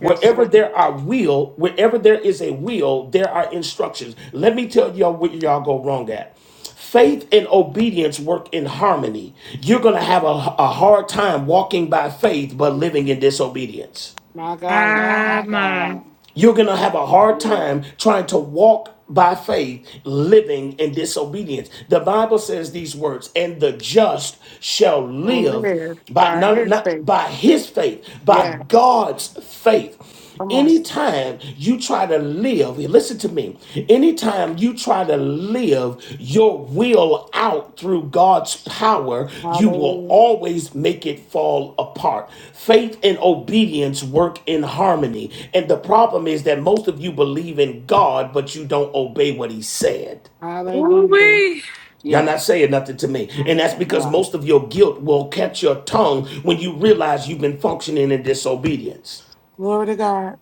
Yes, sir. there are will, wherever there is a will, there are instructions. Let me tell y'all where y'all go wrong at. Faith and obedience work in harmony. You're going to have a, a hard time walking by faith but living in disobedience. My God. Oh My, my my. God. You're going to have a hard Yeah. time trying to walk by faith, living in disobedience. The Bible says these words, and the just shall live Live by by not, his not faith. by his faith, by Yes. God's faith. Come on, sir. Anytime you try to live, listen to me me. Anytime you try to live your will out through God's power, you will Hallelujah. always make it fall apart. Faith and obedience work in harmony. And the problem is that most of you believe in God, but you don't obey what He said. Hallelujah. Ooh-wee. Y'all Yes. not saying nothing to me. That's And that's that. because Yeah. most of your guilt will catch your tongue when you realize you've been functioning in disobedience. Glory to God.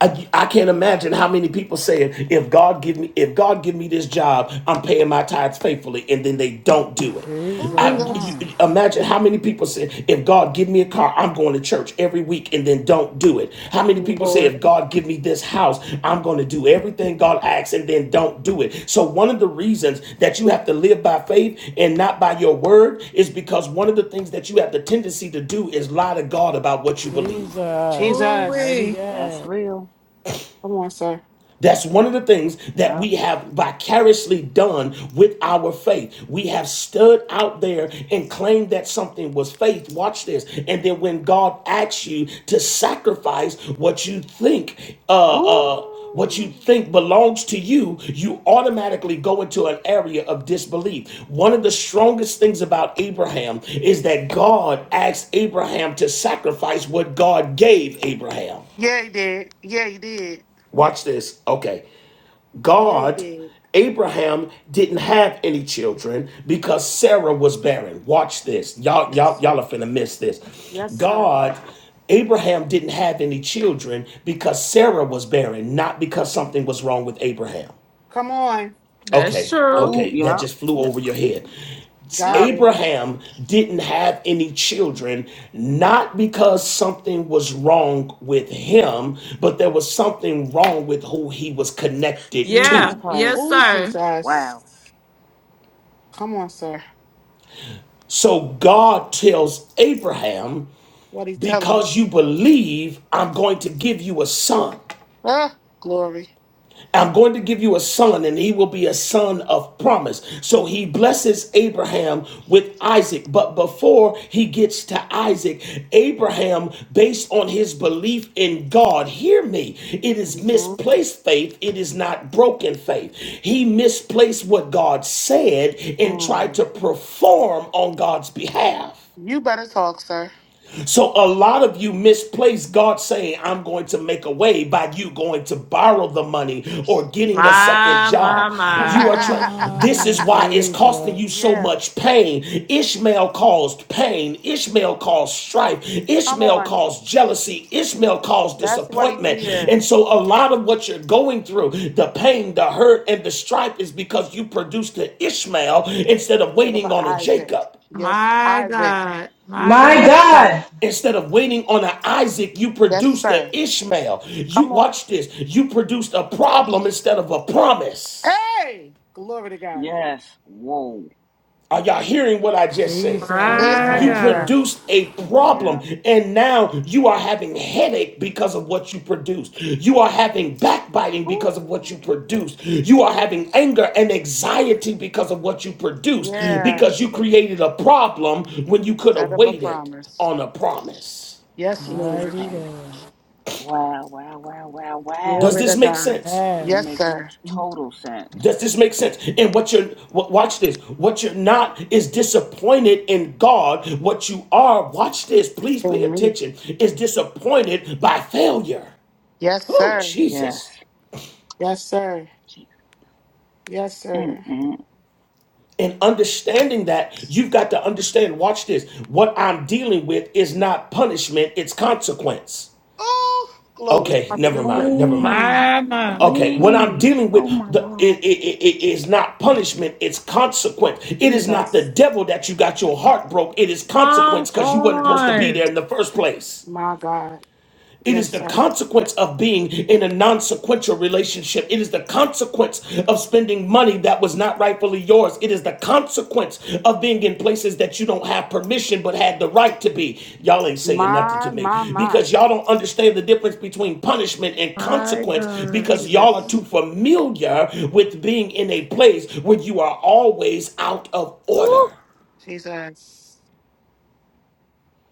I, I can't imagine how many people saying, if God give me, if God give me this job, I'm paying my tithes faithfully, and then they don't do it. Oh, Jesus, I you, Jesus. mm. you- imagine how many people say, if God give me a car, I'm going to church every week, and then don't do it. How many people say, Lord. if God give me this house, I'm going to do everything God asks, and then don't do it. So one of the reasons that you have to live by faith and not by your word is because one of the things that you have the tendency to do is lie to God about what you believe. Jesus, Jesus. mighty Ooh-wee. That's God, real. Come on, sir. That's one of the things that Yep. we have vicariously done with our faith. We have stood out there and claimed that something was faith. Watch this. And then when God asks you to sacrifice what you think, uh, uh, what you Ooh. think belongs to you, you automatically go into an area of disbelief. One of the strongest things about Abraham is that God asked Abraham to sacrifice what God gave Abraham. Yeah, he did. Yeah, he did. Watch this. Okay. Yeah, he God, did. Abraham didn't have any children because Sarah was barren. Watch this. Y'all, Yes, y'all, sir. y'all are finna miss this. Yes, sir. God, Abraham didn't have any children because Sarah was barren, not because something was wrong with Abraham. Come on. That's Okay, true. Ooh. okay, that Yep. just flew Yep. over your head. Got Yep. it. Abraham didn't have any children, not because something was wrong with him, but there was something wrong with who he was connected Jesus Yeah, to. yes, Christ. Oh, sir. Jesus. Wow. Come on, sir. So God tells Abraham, What'd he tell him? because you believe, I'm going to give you a son. Ah, glory. I'm going to give you a son, and he will be a son of promise. So he blesses Abraham with Isaac. But before he gets to Isaac, Abraham, based on his belief in God, hear me, it is Mhm. misplaced faith, it is not broken faith. He misplaced what God said and tried Mm. to perform on God's behalf. You better talk, sir. So a lot of you misplace God saying, I'm going to make a way by you going to borrow the money or getting a second My, my, job. my, You are trying, this mm. is why it's costing Jesus, you so yeah, much pain. Ishmael caused pain, Ishmael caused strife, come Ishmael on. caused jealousy, Ishmael caused That's what he disappointment. did. And so a lot of what you're going through, the pain, the hurt, and the strife is because you produced an Ishmael instead of Instead of waiting on a Isaac. Jacob. Yes, my Isaac. God, my God, Yes, sir. God. Instead of waiting on an Isaac, you Yes, produced an sir. Ishmael. You Come on. watch this. You produced a problem instead of a promise. Hey, glory to God. Yes. Whoa. Are y'all hearing what I just said? Jesus, my Yeah. Listening, You yeah, God, sir. produced a Yeah. problem and now you are having headache because of what you produced. You are having backbiting because of what you Ooh. produced. You are having anger and anxiety because of what you produced Yeah, because you created a problem when you could instead have of a waited promise. on a promise. Yes, Jesus Lord. mighty Christ. God, Wow. Wow. Wow. Wow. Wow. Does Glory this to make God. sense? yeah, It Yes, makes sir. total sense. Does this make sense? And what you're watch this. What you're not is disappointed in God. What you are, watch this, please pay In me. attention, is disappointed by failure. Yes, Oh, sir. Yes. Jesus. Yes, sir. Yes, sir. Mm-mm. And understanding that, you've got to understand, watch this. What I'm dealing with is not punishment, it's consequence. Oh, glory. Okay, never Hallelujah. mind, never mind. Wait, my, my. Okay, when I'm wait. dealing with Oh my the, it, God. it, it, it is not punishment, it's consequence. It is not the Jesus. devil that you got your heart broke, it is Come consequence because you wasn't supposed to be on, there in the first place. My God. It Yes, is the sir. consequence of being in a non sequential relationship. It is the consequence of spending money that was not rightfully yours. It is the consequence of being in places that you don't have permission but had the right to be. Y'all ain't saying nothing My, to my, me my. because y'all don't understand the difference between punishment and my consequence God. because y'all are too Jesus. familiar with being in a place where you are always out of Woo. order. Jesus.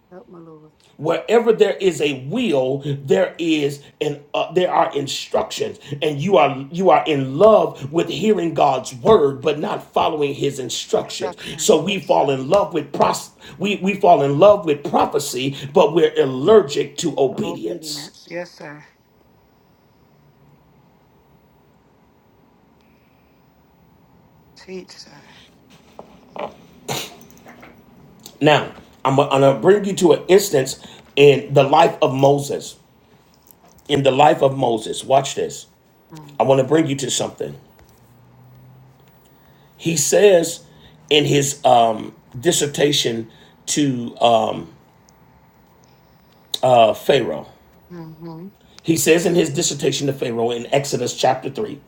Help my Lord. Wherever there is a will, there is an uh, there are instructions, and you are you are in love with hearing God's word, but not following His instructions. Instruction. So we Yes, fall sir. in love with pros- we we fall in love with prophecy, but we're allergic to The obedience. obedience. Yes, sir. Teach, sir. Now, I'm, I'm going to bring you to an instance in the life of Moses. In the life of Moses, watch this. I want to bring you to something. He says in his um, dissertation to um, uh, Pharaoh, Mm-hmm. he says in his dissertation to Pharaoh in Exodus chapter 3,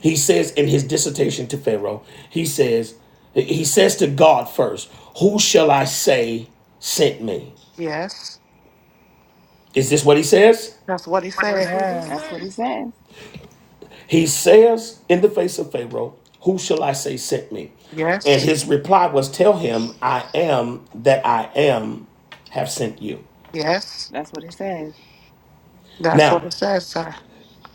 he says in his dissertation to Pharaoh, he says, he says to God first, Who shall I say sent me? Yes. Is this what he says? That's what he said. That's what it yeah, That's what it says. says. He says in the face of Pharaoh, Who shall I say sent me? And Yes. his reply was, Tell him, I am that I am have sent you. Yes. That's what it says. That's what Now, it says, sir.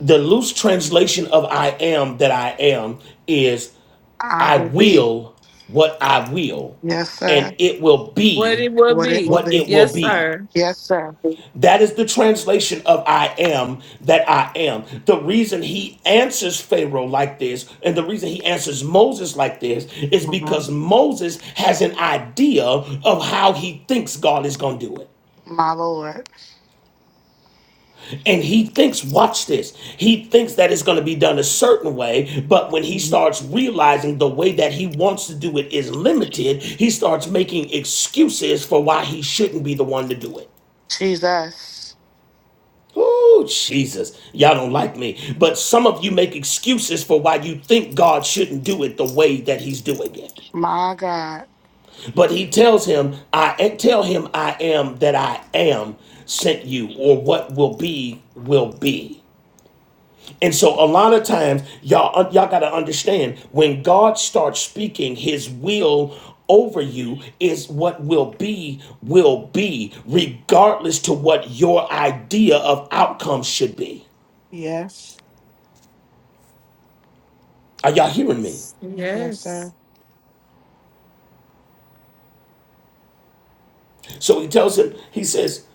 The loose translation of I am that I am is I I will be. will what I will, Yes, sir. and it will What be it will What it will be. what be. it will Yes, be. sir. Yes, sir. That is the translation of I am that I am. The reason he answers Pharaoh like this and the reason he answers Moses like this is hmm because Moses has an idea of how he thinks God is going to do it. My Lord. And he thinks, watch this, he thinks that it's going to be done a certain way. But when he hmm starts realizing the way that he wants to do it is limited, he starts making excuses for why he shouldn't be the one to do it. Jesus. Oh, Jesus. Y'all don't like me. But some of you make excuses for why you think God shouldn't do it the way that he's doing it. My God. But he tells him, I tell him I am that I am sent you, or what will be will be. And so a lot of times y'all y'all got to understand when God starts speaking his will over you is what will be will be regardless to what your idea of outcome should be. Yes. Are y'all hearing me? Yes, Yes. sir. So he tells him he says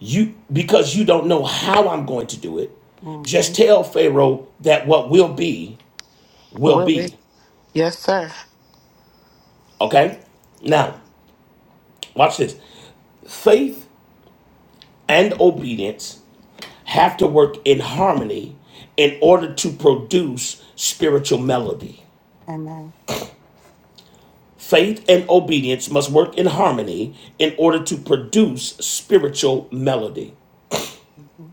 you because you don't know how I'm going to do it hmm just tell Pharaoh that what will be will Will be. be. Yes, sir. Okay? Now, watch this. Faith and obedience have to work in harmony in order to produce spiritual melody. Amen. Faith and obedience must work in harmony in order to produce spiritual melody. Mm-hmm.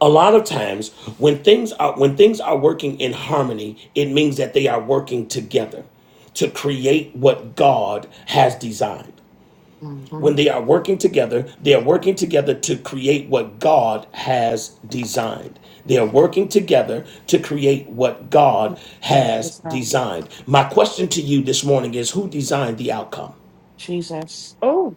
A lot of times when things are when things are working in harmony, it means that they are working together to create what God has designed. hmm when they are working together, they are working together to create what God has designed. They are working together to create what God Yes, has yes, sir. designed. My question to you this morning is who designed the outcome? Jesus. Oh,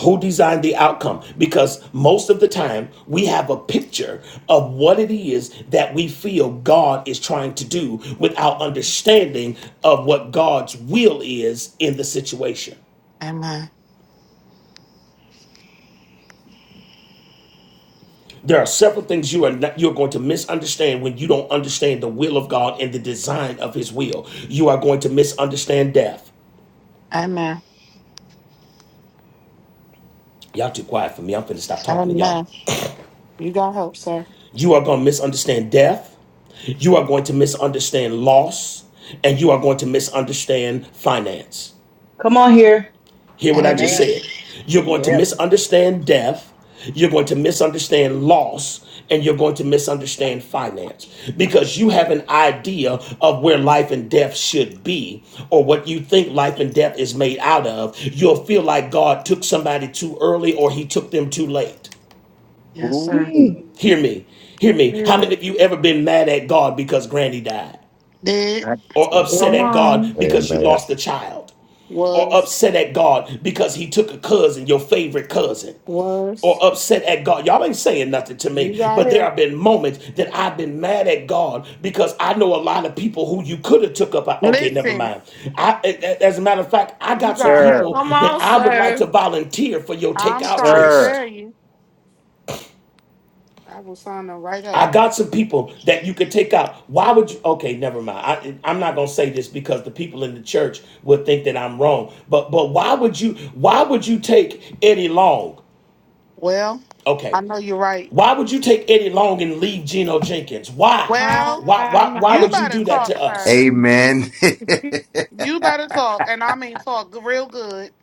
Who designed the outcome? Because most of the time we have a picture of what it is that we feel God is trying to do without hmm understanding of what God's will is in the situation. Amen. There are several things you are not, you're going to misunderstand when you don't understand the will of God and the design of His will. You are going to misunderstand death. Amen. Y'all too quiet for me. I'm finna stop talking to y'all. Amen. You got help, sir. You are going to misunderstand death. You are going to misunderstand loss, and you are going to misunderstand finance. Come on here. Hear what I just Amen. Amen. said. Ooh. You're going to Yes. misunderstand death. You're going to misunderstand loss and you're going to misunderstand finance because you have an idea of where life and death should be or what you think life and death is made out of. You'll feel like God took somebody too early or he took them too late. Yes, sir. Hear me. Hear me. How many good. of you ever been mad at God because Granny died? Did, that- Or upset come at was, God on, because you Amen. lost a child? Or was, upset at God because he took a cousin, your favorite cousin? was. or upset at God. Y'all ain't saying nothing to You me, got but there have help. been moments that I've been mad at God because I know a lot of people who you could have took up. I, Okay, never Listen, mind. I, a- as a matter of fact, I you got some got help. Sir, people come that on, I would like to sir. volunteer for your I'm takeout trying to sir. list. tell you, I was sign her right I up. got some people that you could take out. Why would you? Okay, never mind. I, I'm not gonna say this because the people in the church would think that I'm wrong. But but why would you? Why would you take Eddie Long? Well, I Okay, know you're right. Why would you take Eddie Long and leave Geno Jenkins? Why? Well, Why, My, why, why you my. would you better do that talk, to sir. us? Amen. You better talk, and I mean talk g- real good.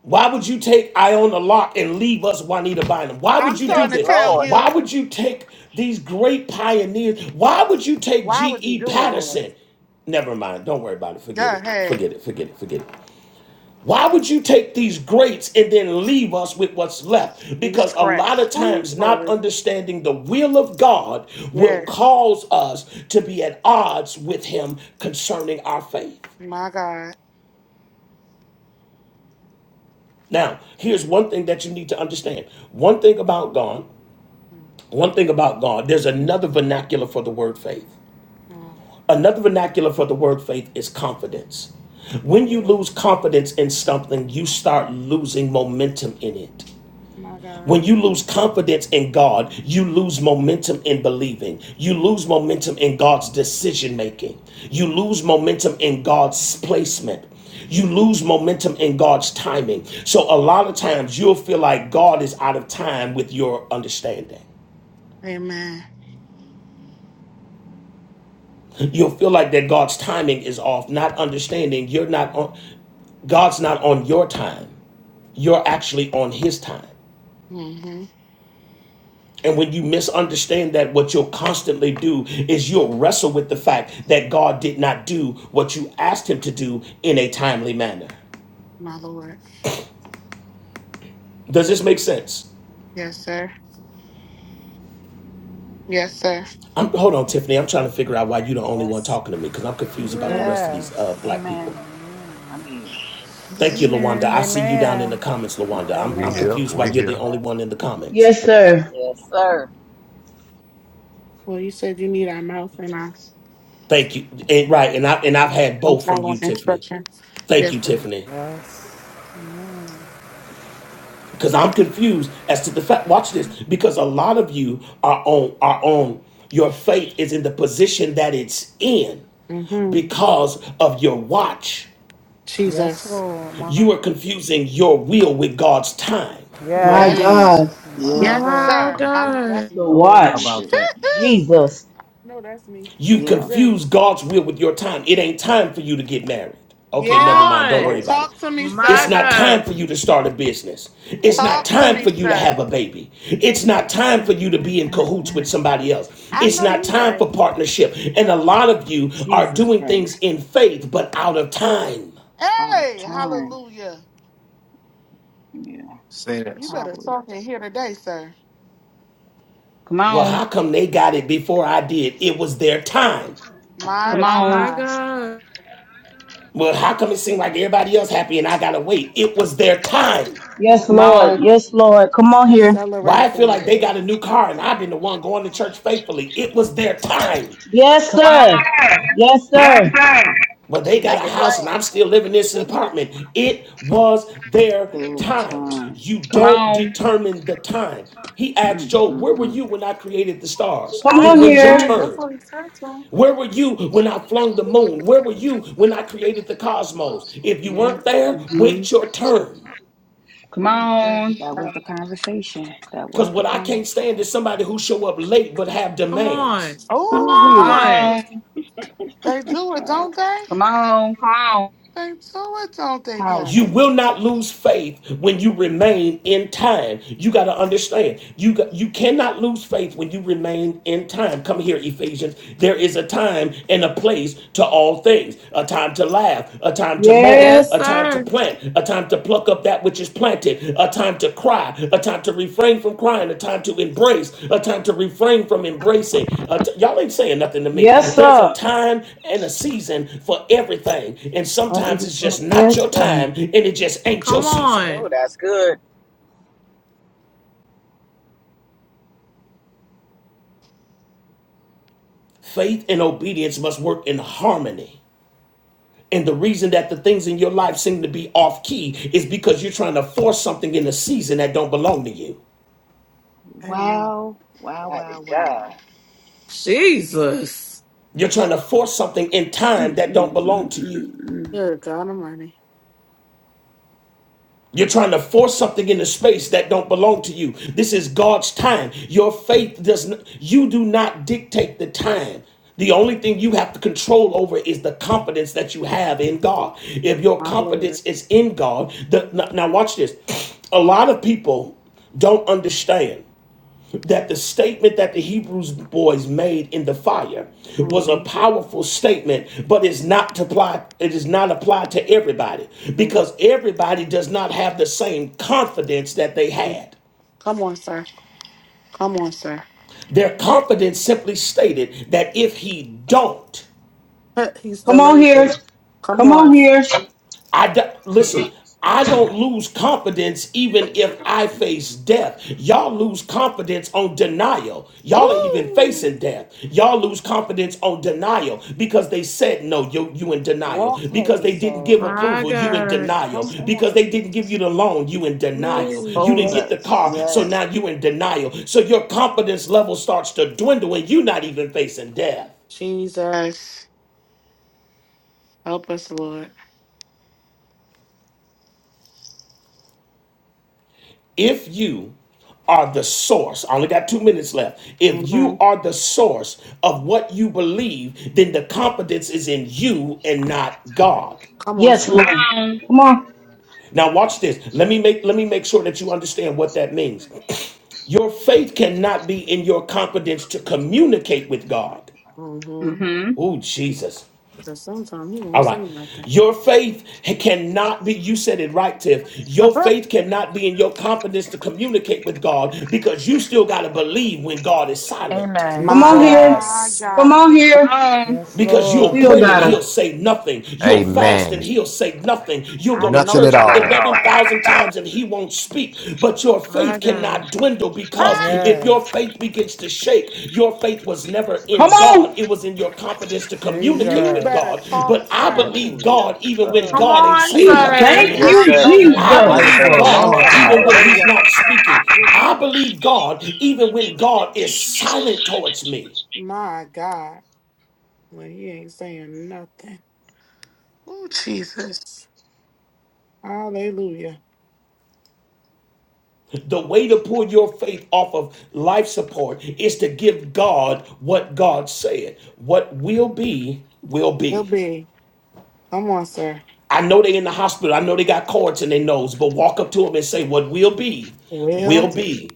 Why would you take Iona Locke and leave us Juanita Bynum? Why I'm would you do trying to Yes, this? tell Lord. Why you, would you take these great pioneers? Why would you take why would you G.E. do it, Lord? Patterson? Never mind. Don't worry about it. Forget Go it. ahead, Forget it. Forget it. Forget it. Why would you take these greats and then leave us with what's left? be Because a lot scraps. of Ooh, times, not glory. understanding the will of God will Yes, cause us to be at odds with Him concerning our faith. my God. Now, here's one thing that you need to understand one thing about God, one thing about God, there's another vernacular for the word faith. Mm-hmm. Another vernacular for the word faith is confidence. My When you Lord, lose confidence in something, you start losing momentum in it. my God. When you lose confidence in God, you lose momentum in believing. You lose momentum in God's decision making. You lose momentum in God's placement. You lose momentum in God's timing. So, a lot of times you'll feel like God is out of time with your understanding. Amen. You'll feel like that God's timing is off, not understanding you're not on, God's not on your time. You're actually on His time. hmm And when you misunderstand that, what you'll constantly do is you'll wrestle with the fact that God did not do what you asked Him to do in a timely manner. My Lord. Does this make sense? Yes, sir. Yes, sir. I'm, hold on, Tiffany. I'm trying to figure out why you're the only one Yes. talking to me because I'm You're confused about the right. Yes. rest of these yes, uh, black people. Amen. I'm here. Thank you, Lawanda. Amen. I see you down in amen, the Amen. comments, Lawanda. I'm, Yeah, we I'm here. amen. confused why we We I'm you're the here. only one in the a comments. Yes, sir. Yes, sir. Well, you said you need our mouth and our Thank you. And, right, and I and I've had I'm both from following you, Tiffany. instruction. Thank Yes, you, sir. Tiffany. Yes. because I'm confused as to the fact. Watch this, because a lot of you are on are on your faith is in the position that it's in Mm-hmm. because of your watch. Yes, Jesus. Lord. My, You are confusing your will with God's time. My yes. Mm. God. Yes. Mighty Yeah. Yes, God. My sir. I know God. that's me. Lord Jesus. no, that's me. You Yeah. confuse Jesus. God's will with your time. It ain't time for you to get married. Okay, never Yeah. mind. Don't worry Oof. on. about it. Talk to me, It's My sir. not time God. for you to start a business. Oof. It's not Talk to time me, for you to sir. have a baby. It's not time for you to be in cahoots with Mm-mm-mm-mm. somebody else. I It's know not you time right. for partnership. And a lot of you are Jesus doing Christ. things in faith, but out of time. Out of Hey, time. hallelujah. Yeah. Say that, You sir. better Probably. talk in here today, sir. Well, how come they got it before I did? It was their time. My, my, My my. God. Well, how come it seemed like everybody else happy and I gotta wait? It was their time. Yes, Mm. Lord. Yes, Lord. Come on here. Accelerate Why it I for feel me, like they Lord. got a new car and I've been the one going to church faithfully. It was their time. Yes, sir. Yes, yes, yes. But they got Make a it house and Jesus. plain. I'm still living in this apartment. It was their Their time. time. You don't determine the time. He asked Job, Where were Mm-mm-mm. you when I created the stars? Come I Then on Yes, know he wait you your right. here. did. That's turn. what he said to Where were you when I flung the moon? Where were you when I created the cosmos? If you Yeah. weren't there, wait your turn. That was the conversation. That Because was the what I conversation. can't stand is somebody who show up late but have Come on. demands. Come Ooh wee, Oh, on. they do it, don't they? They do it, don't they, You powerful. Pastor? will not lose faith when you remain in time. You got to understand. You got, you cannot lose faith when you remain in time. Come here, Ephesians. There is a time and a place to all things. A time to laugh. A time to mourn. Yes, A time to sir. plant. A time to pluck up that which is planted, a time to cry, a time to refrain from crying, a time to embrace, a time to refrain from embracing. A t- y'all ain't saying nothing to me. There's a Oh, time and a season for everything, and sometimes it's just not your time and it just ain't your Come season. Oh, on. that's good. Faith and obedience must work in harmony. And the reason that the things in your life seem to be off key is because you're trying to force something in a season that don't belong to you. Amen. Wow, wow, Mighty wow, God. wow. Jesus. You're trying to force something in time Mm that don't mm belong mm to mm you. mm. Good God Almighty. You're No. trying to force something into space that don't belong to you. This is God's time. Your faith does not, you do not dictate the time. The only thing you have to control over is the confidence that you have in God. If your My Lord. confidence is in God, the, now now watch this. A lot of people don't understand that the statement that the Hebrews boys made in the fire was a Mhm. powerful statement, but it's not to apply, it is not applied to everybody Mhm. because everybody does not have the same confidence that they had. Come on, sir. Come on, sir. Their confidence simply stated that if he don't, He's Come still on here. able. Come Come on. on here. I d- listen. I don't lose confidence even if I face death. Y'all lose confidence on denial. Y'all ain't even Ooh. facing death. Y'all lose confidence on denial because they said no, you you in denial. Walk Because heavy, they didn't sir. give My approval, you in God. denial. Come Because on, they didn't give you the loan, you in denial. Ooh, You expose didn't get us. the car, so Yes, Yes. now you in denial. So your confidence level starts to dwindle and you not even facing death. Jesus. Help us, Lord. if you are the source, I only got two minutes left. If hmm you are the source of what you believe, then the confidence is in you and not God. Come on, sir. Yes, Lord. Come on. Now watch this. Let me make let me make sure that you understand what that means. Your faith cannot be in your competence to communicate with God. hmm Oh Jesus. Because sometimes he won't All say right. nothing. Your faith cannot be, you said it right, Tiff. Your faith cannot be in your confidence to communicate with God because you still got to believe when God is silent. Amen. Come on Jesus. here. My Yes. Come God. on here. Yes, Because you'll Lord. Still pray got and he'll to say nothing. You'll fast Amen. and he'll say nothing. You'll I go to know Nothing at church you right. all. 11,000 times and he won't speak. But your my faith God. cannot dwindle because if your Yes. faith begins to shake, your faith was never Come in God. on. It was in your competence to communicate You with better Jesus. God. talk, But I Yep. sir. believe Oh, yes, God sir. even when Come God ain't on, saying Ye- nothing Yes, to sir. Thank me. Yes, Lord. I you, sir. know you God, I Jesus. right. Yes, Quiet thank believe sir. for a you, God long Lord. even time. when If he's Hallelujah. not speaking. Would I you? believe God even when God is silent towards me. My God. Well, he ain't saying nothing. Oh, Jesus. Hallelujah. The way to pull your faith off of life support is to give God what God said. What will be, will Will be. be. Come on, sir. I know they are in the hospital. I know they got cords in their nose, but walk up to them and say, What will be, will Will, be.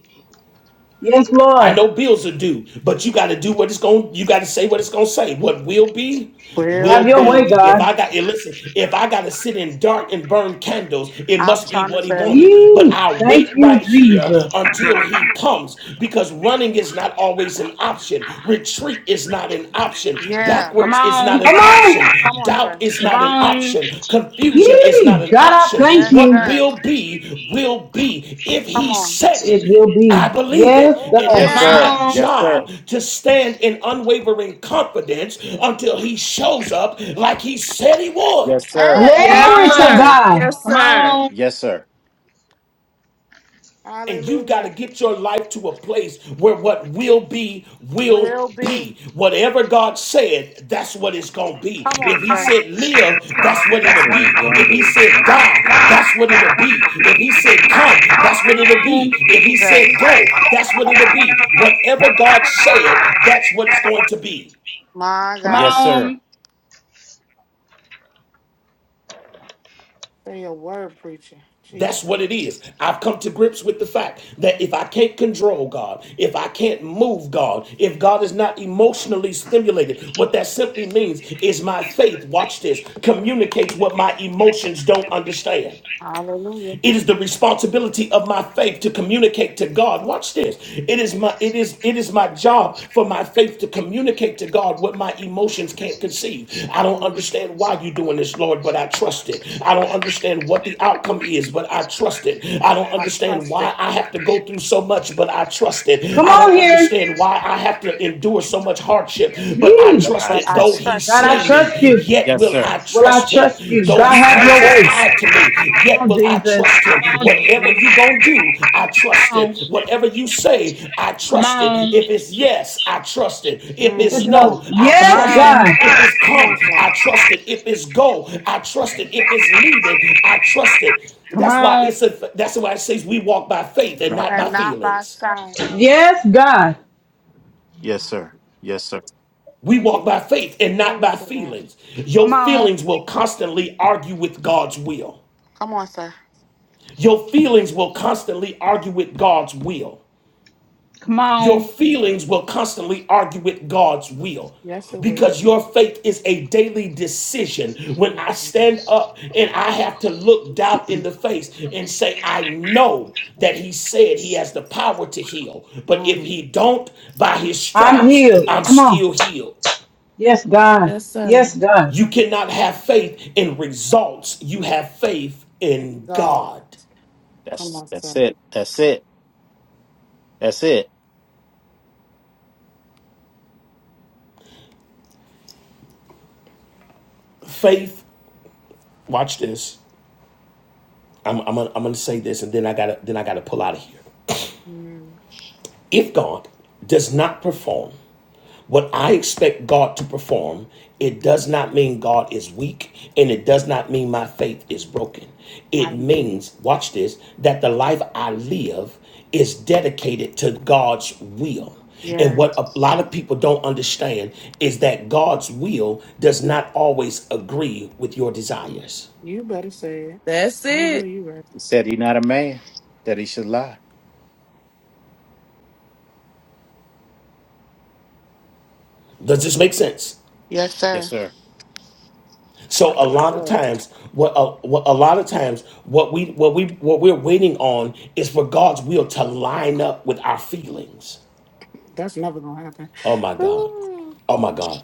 Yes, I Lord. know bills are due, but you got to do what it's going. You got to say what it's going to say. What will be, will Have will your be. way, be. If God. I got and listen, if I got to sit in dark and burn candles, it I'm must be trying to what he say, wanted. But Yee. I Thank wait you, right here Jesus. until he comes, because running is not always an option. Retreat is not an option. yeah. Come on. Come Backwards is on. not Come an on. option. Come on, Doubt sir. is Come not an on. option. Confusion is Yee. not an God, I option. thank Yes, What you. sir. will be, will be. If Come he on. said It it. will I be. believe Yes, it, and it Yes, God. Come is my sir. Yeah. on. Yes, sir. job to stand in unwavering confidence until he shows up like he said he would. Yes, sir. Hey. Come Yes, Glory to on. Come on. sir. Yes, God. Come sir. on. Yes, sir. And you've got to Hallelujah. get your life to a place where what will be, will Will be. be. Whatever God said, that's what it's going to be. Come on, If he sir. said live, that's what That's it'll what we're be. going If to he do. said die, that's what it'll be. If he said come, that's what it'll be. If he said go, Jesus. that's what it'll be. Whatever God said, that's what it's going to be. My Come God. Yes, sir. on. Say a word, preacher. Jesus. That's what it is. I've come to grips with the fact that if I can't control God, if I can't move God, if God is not emotionally stimulated, what that simply means is my faith, watch this, communicates what my emotions don't understand. Hallelujah. It is the responsibility of my faith to communicate to God. Watch this. It is my it is it is my job for my faith to communicate to God what my emotions can't conceive. I don't Mm. understand why you're doing this, Lord, but I trust it. I don't understand what the outcome is, but I trust it. I don't I understand trust why it, I have to go through so much, but I trust it. Come I on don't here. understand why I have to endure so much hardship, but I But Yee. trust I but it. I Though trust he it. trust God, I it. slay me, trust you. yet Yes, will sir. I Will I trust him. trust you? Though God, he Trust have your turns him. his way. eye Yes. to me, yet will I Jesus. trust Come him. on, Jesus. Come on, Whatever hmm you going to do, I trust Jesus. it. Whatever you say, I Come trust it. on. If it's yes, I trust it. If If it's it's Mm. no. no, I Come Yes, trust it. on. God. If it's Come on, come, sir. I trust it. If it's go, I trust it. If it's leaving, I trust it. Come That's why on. it's a, that's why it says we walk by faith and Not- not by And not by feelings. sight. Yes, God. Yes, sir. Yes, sir. We walk by faith and not Glory by to them. feelings. Come Your on. feelings will constantly argue with God's will. Come on, sir. Your feelings will constantly argue with God's will. Come on. Your feelings will constantly argue with God's will. Yes, it will. Because your faith is a daily decision. When Mm. I stand up and I have to look doubt in the face and say, I know that he said he has the power to heal. But if he Mm. don't, by his I'm stripes, healed. I'm Come on. still healed. Yes, God. Yes, sir. Yes, God. You cannot have faith in results. You have faith And in God. God. Come That's on, that's sir. it. That's it. That's it. Faith, watch this. I'm, I'm, I'm gonna say this and then I gotta then I gotta pull out of here. Mm. If God does not perform What I expect God to perform, it Mm-hmm. does not mean God is weak and it does not mean my faith is broken. It Hallelujah. means, watch this, that the life I live is dedicated to God's will. And Yeah. what a lot of people don't understand is that God's will does not always agree with your desires. You better say it. That I know you right. He said he not a man that he should lie. Does this make sense? Yes, Yes, sir. sir. So a Yes, lot of sir. times, what a, what a lot of times, what we what we what we're waiting on is for God's will to line up with our feelings. That's never gonna happen. Oh my God, Ooh. oh my God,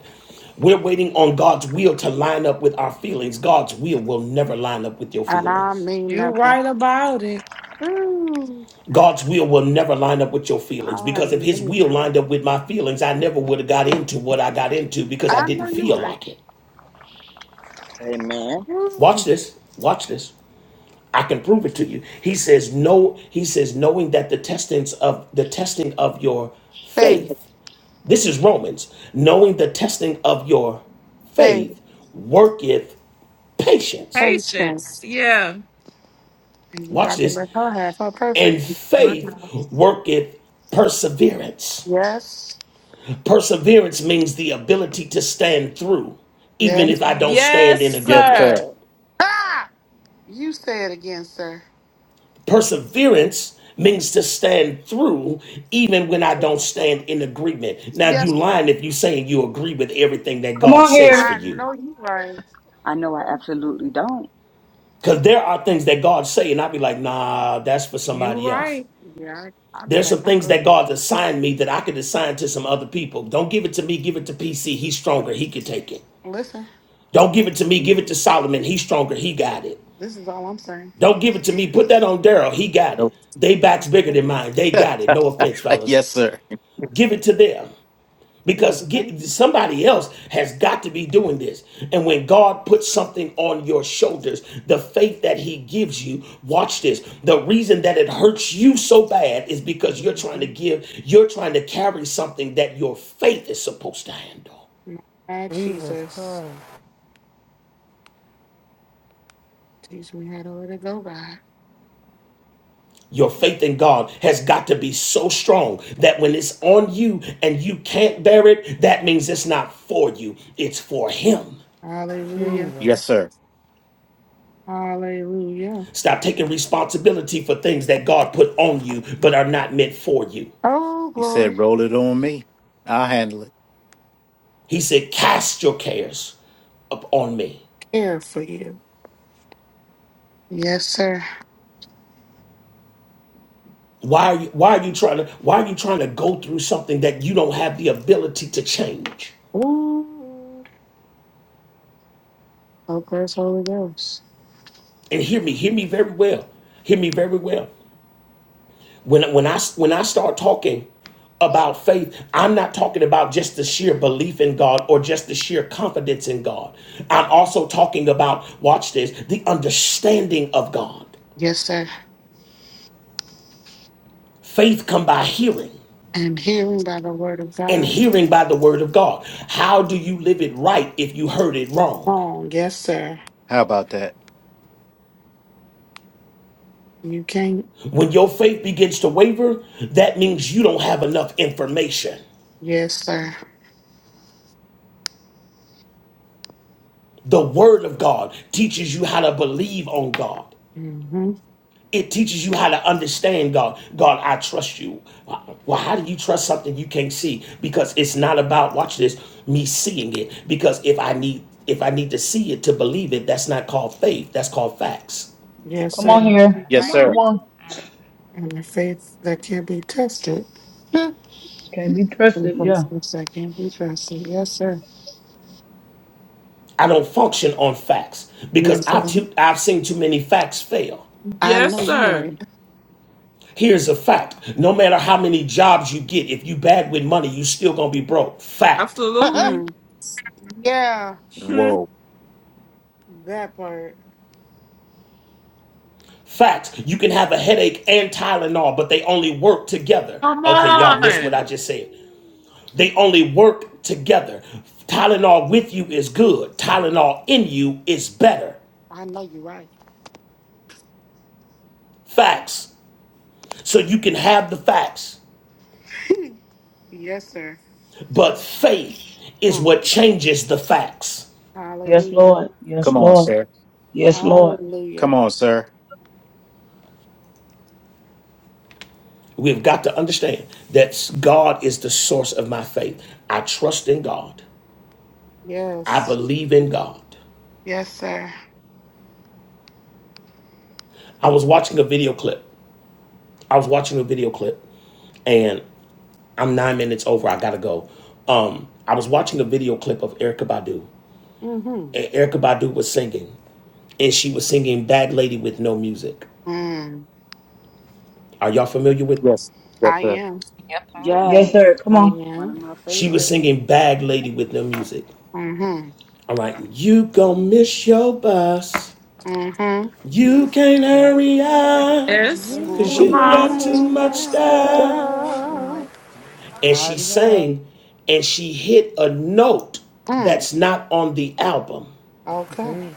we're waiting on God's will to line up with our feelings. God's will will never line up with your And I feelings. mean you never. right about it. Ooh. God's will will never line up with your feelings I because if His mean will never. lined up with my feelings, I never would have got into what I got into because I I know didn't you're feel right. like it. Amen. Watch Woo. this. Watch this. I can prove it to you. He says no. He says knowing that the testings of the testing of your Faith, faith. This is Romans. Knowing the testing of your faith, faith worketh patience. patience. Patience. Yeah. And you Watch got to this. let her have her perfect. And one. My faith God. worketh perseverance. Yes, Perseverance means the ability to stand through, even yes. if I don't stand Yes, in Yes, agreement. sir. sir. Ah! You say it again, sir. Perseverance means to stand through even when I 'Cause don't I stand don't- in agreement. Now Yes, you lying sir. if you saying you agree with everything that Come God on says for here. I you. know you're right. I know. I Ooh. absolutely don't. Cause there are things that God say and I'd be like, nah, that's for You somebody else. right. Yeah, I, I'll be There's like, some I'm things good that now. God assigned me that I could assign to some other people. Don't give it to me, give it to PC. He's stronger, he can take it. Listen, Don't give it to me, give it to Solomon. He's stronger, he got it. this is all I'm saying. Don't give it to me, put that on Daryl, he got it. No. They backs I'm bigger so than mine, they got it. No offense, fellas. yes, sir. Give it to them. Please because and thank get, you. somebody else has got to be doing this. And when God puts something on your shoulders, the faith that He gives you, watch this. The reason that it hurts you so bad is because you're trying to Mhm. give, you're trying to carry something that your faith is supposed to handle. My Jesus Jesus, Christ. teach me how to let it go, God. Your faith in God has got to be so strong that when it's on you and you can't bear it, that means it's not for you, it's for Him. Hallelujah. Jesus. Yes, sir. Hallelujah. Stop taking responsibility for things that God put on you but are not meant for you. Oh, He glory. said, Roll it on me. I'll handle it. He said, "Cast your cares upon me." Care for you. Yes, sir. Why are you why are you trying to why are you trying to go through something that you don't have the ability to change? Ooh. Oh, praise Holy Ghost. And hear me, hear me very well. Hear me very well. When when I when I start talking about faith, I'm not talking about just the sheer belief in God or just the sheer confidence in God. I'm also talking about watch this, the understanding of God. Yes, sir. Faith come by hearing, And hearing by the word of and God. hearing by the word of God. How do you live it right if you heard it wrong? Oh, yes, sir. How about that? You can't. When your faith begins to waver, that means you don't have enough information. Yes, sir. The word of God teaches you how to believe on God. Mm-hmm. It teaches you how to understand God. God, I trust you. Well, how do you trust something you can't see? Because it's not about watch this me seeing it. Because if I need if I need to see it to believe it, that's not called faith. That's called facts. Yes, Come sir. on here. That's Yes, Come right. Come sir. on. on. hmm And the faith that can be tested. Hmm. Can be And trusted. Yeah. blessings that can be trusted. Yes, sir. I don't function on facts because Yes, sir. I've, too, I've seen too many facts fail. Yeah. I know you right. Here's a fact no matter how many jobs you get, if you bad with money, you still gonna be broke. Fact. Absolutely. Mm. yeah, Whoa. that part. Fact. You can have a headache and Tylenol, but they only work together. Come Okay, y'all missed what I on. just said. They only work together. Tylenol with you is good, Tylenol in you is better. I know you right. Facts. So you can have the facts, Yes, sir. but faith is Mm. what changes the facts. Yes, Hallelujah. Lord. Yes, Come on, Lord. sir. Yes, Lord. Come Hallelujah. on, sir. We've got to understand that God is the source of my faith. I trust in God. I Yes. believe in God. Yes, sir. I was watching a video clip. I was watching a video clip, and I'm nine minutes over. I gotta go. Um, I was watching a video clip of Erykah Badu, Mm-hmm. and Erica Badu was singing, and she was singing "Bad Lady with No Music." Mm. Are y'all familiar with? Yes. Yes, I sir. am. Yep, I Yes, Yes, sir. Come I on. one of am. my She was favorites. singing "Bad Lady with No Music." Mm-hmm. I'm like, you gonna miss your bus. Mm-hmm. You can't Yes, hurry up, Yes. Yes, You cause you Mm-hmm. got Come you too got got on. much too That's so good much much stuff. stuff. style. Yeah. Yes. stuff. And she Mighty God. sang and she hit a note Mm. that's not on the album. Okay. Jesus.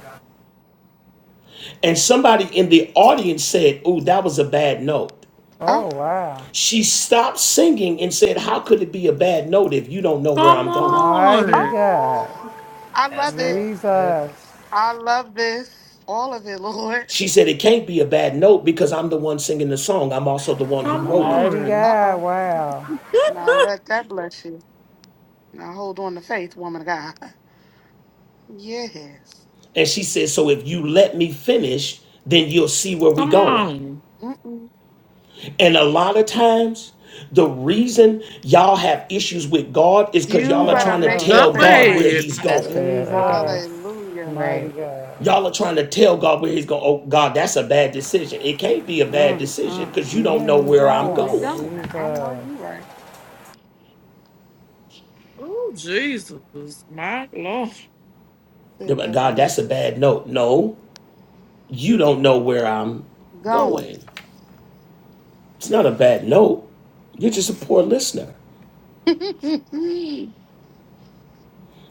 And somebody in the audience said, Ooh, that was a bad note. Oh. Oh, wow. She stopped singing and said, How could it be a bad note if you don't know where Come I'm going? Mighty on. God. Oh. I That's love it. good. Jesus. I love this. All of it, Lord. She said, It can't be a bad note because I'm the one singing the song. I'm also the one who Come wrote it. Mighty on. God. Uh-oh. Wow. Now let that bless you. Now hold on to faith, woman of God. Yes. And she said, So if you let me finish, then you'll see where we're Come going. on. Mm-mm. And a lot of times, the reason y'all have issues with God is because You You y'all are better trying don't to Get make love this it. tell Up thing Mm. God where plain. ahead. He's That's going. good right there. Jesus, Hallelujah. Right. mighty God. Y'all are trying to tell God where He's going. Oh, God, that's a bad decision. It can't be a bad decision because you You don't know ain't where Where I'm we going. going. going? I know Jesus, you right. Oh, Jesus. My Lord. Sit back God, and that's a listen. bad note. No, you don't know where I'm Going. going. It's not a bad note. You're just a poor listener. Good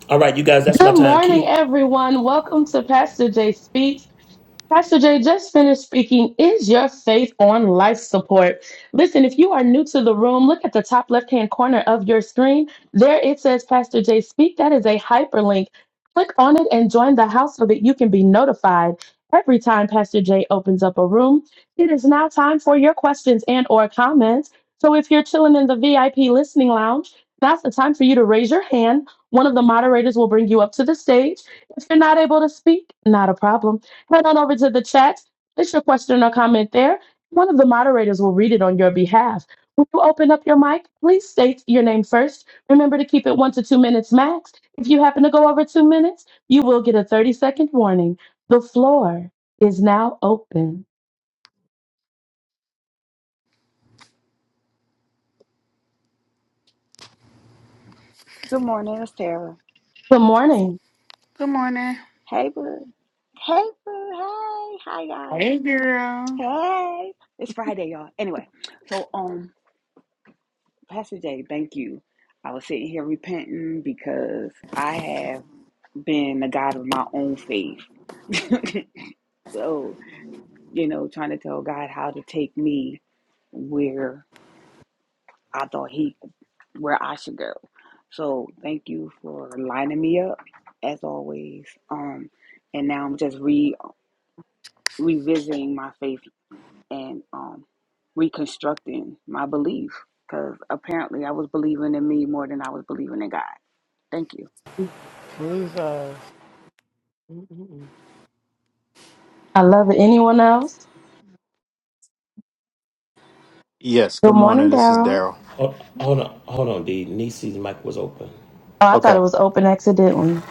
All right, you guys, that's my Good time morning, key. everyone. Welcome to Pastor Jay Speaks. Pastor Jay just finished speaking. Is your faith on life support? Listen, if you are new to the room, look at the top left hand corner of your screen. There it says Pastor Jay Speak. That is a hyperlink. Click on it and join the house so that you can be notified every time Pastor Jay opens up a room. It is now time for your questions and or comments. So if you're chilling in the VIP listening lounge, that's the time for you to raise your hand. One of the moderators will bring you up to the stage. If you're not able to speak, not a problem Head on over to the chat. Place your question or comment there. One of the moderators will read it on your behalf. When you open up your mic, please state your name first. Remember to keep it one to two minutes max. If you happen to go over two minutes, you will get a 30 second warning. The floor is now open. Good morning, it's Tara. Good morning. morning. Hey, boo. Hey, boo. Hey, hi, guys. Hey, girl. Hey, it's Friday, y'all. Anyway, so um, Pastor Jay, thank you. I was sitting here repenting because I have been the God of my own faith. so, you know, trying to tell God how to take me where I thought he where I should go. So thank you for lining me up as always. Um and now I'm just re revisiting my faith and um, reconstructing my belief because apparently I was believing in me more than I was believing in God. Thank you. Jesus. Mm-mm-mm. I love it. Anyone else? Yes. Good Good morning, morning. This is Daryl. Daryl. Hold, hold on, hold on, D. Nisi's mic was open. Oh, I thought it Okay. was open accidentally.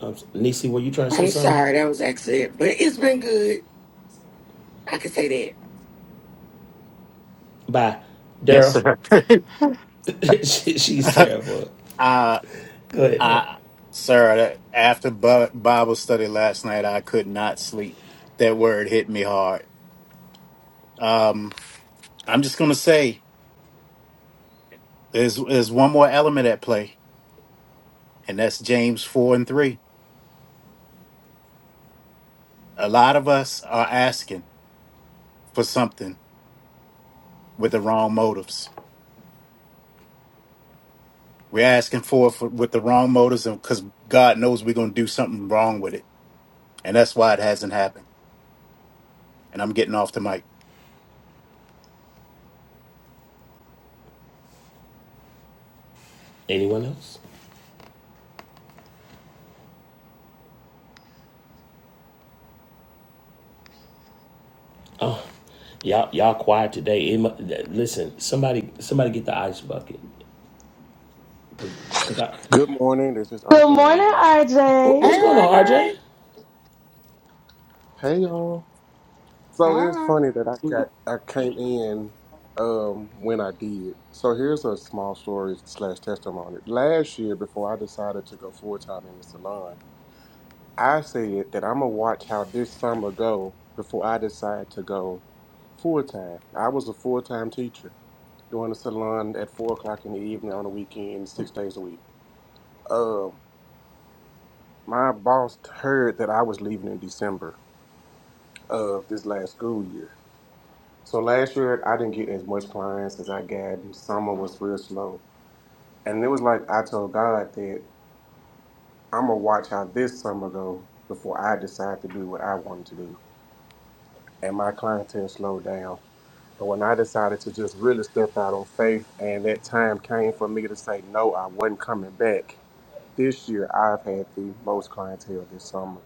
Um, Nisi, were you trying to say I'm something? sorry, that was accident, but it's been good. I can say that. By Yes, Daryl, sir. hey, she's terrible. uh, Go ahead, Daryl. uh, sir, that- after Bi- Bible study last night, I could not sleep. That word hit me hard. Um, I'm just going to say there's, there's one more element at play, and that's James 4 and 3. A lot of us are asking for something with the wrong motives We're asking for it for, with the wrong motives, and because God knows we're going to do something wrong with it, and that's why it hasn't happened. And I'm getting off the mic. Anyone else? Oh, y'all, y'all quiet today. It mu- listen, somebody, somebody get the ice bucket, cause, cause I, Good morning. This is Good morning, RJ. Wh- RJ. what's going on, RJ? RJ. Hey y'all. So it's Hi. funny that I got So I came in um when I did. So here's a small story slash testimony. Last year, before I decided to go full time in the salon, I said that I'm gonna watch how this summer go before I decide to go full time. I was a full time teacher doing the salon at four o'clock in the evening on the weekend, six days a week. Um, my boss heard that I was leaving in December of this last school year. So last year I didn't get as much clients as I got. and Summer was real slow, and it was like I told God that I'm gonna watch how this summer go before I decide to do what I wanted to do. And my clientele slowed down. But when I decided to just really step out on faith, and that time came for me to say no, I wasn't coming back. This year I've had the most clientele this summer.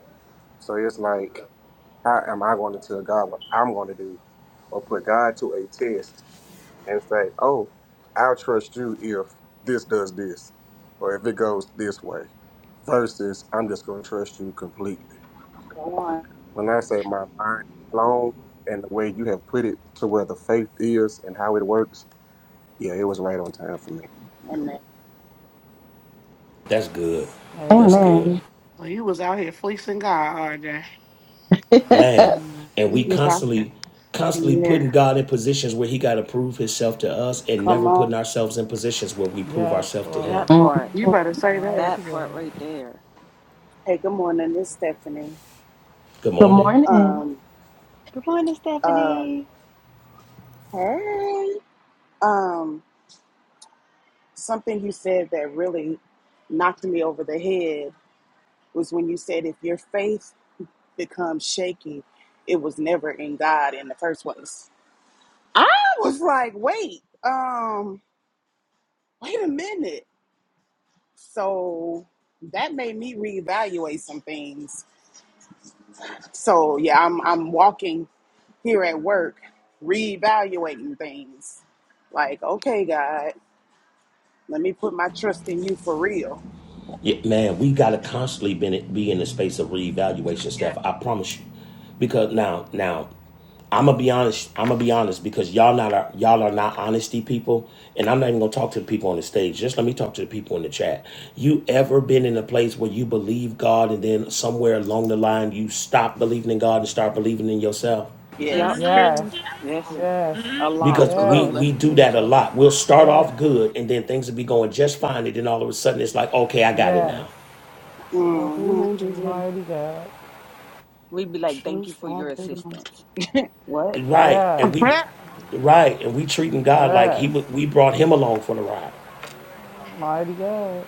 So it's like, how am I going to tell God what I'm going to do, or put God to a test and say, "Oh, I'll trust you if this does this, or if it goes this way," versus I'm just going to trust you completely. Come on. When I say my mind is blown, and the way you have put it to where the faith is and how it works, yeah, it was right on time for me. Amen. That's good. That's Amen. good, Amen. you was out here fleecing God, RJ. man. And You we was out here. constantly, constantly Yeah. putting God in positions where He got to prove Himself to us, and Come never on. putting ourselves in positions where we prove Yes, ourselves to Him. Lord. That Mm. part, You better say that. Mighty that part God. right there. Hey, good morning. It's Stephanie. Good Good morning. morning. um, Good morning, um, Stephanie. hey, um, something you said that really knocked me over the head was when you said if your faith becomes shaky, it was never in God in the first place. I was like, wait, um, wait a minute. So that made me reevaluate some things. So yeah, I'm I'm walking here at work, reevaluating things. Like, okay, God. Let me put my trust in you for real. Yeah, man, we got to constantly be in, be in the space of reevaluation, Steph. I promise you, because now, now I'm gonna be honest. I'm gonna be honest because y'all not are, y'all are not honesty people, and I'm not even gonna talk to the people on the stage. Just let me talk to the people in the chat. You ever been in a place where you believe God, and then somewhere along the line you stop believing in God and start believing in yourself? Yep. Yes. Mhm. Yes, Ooh, Yes. yes, Mhm. A lot. because we yes, we Absolutely. do that a Jesus. lot. We'll start Yes, off good and then things will be going just fine, and then all of a sudden it's like, okay, I got it yes, now. yes, Mm-hmm. angels, yeah. mighty God. We'd be like, "Thank you Truth for all your day long. assistance." What? Right, and Yes, we, right, and we treating God like he yes, wa- we brought him along for the ride. mighty God.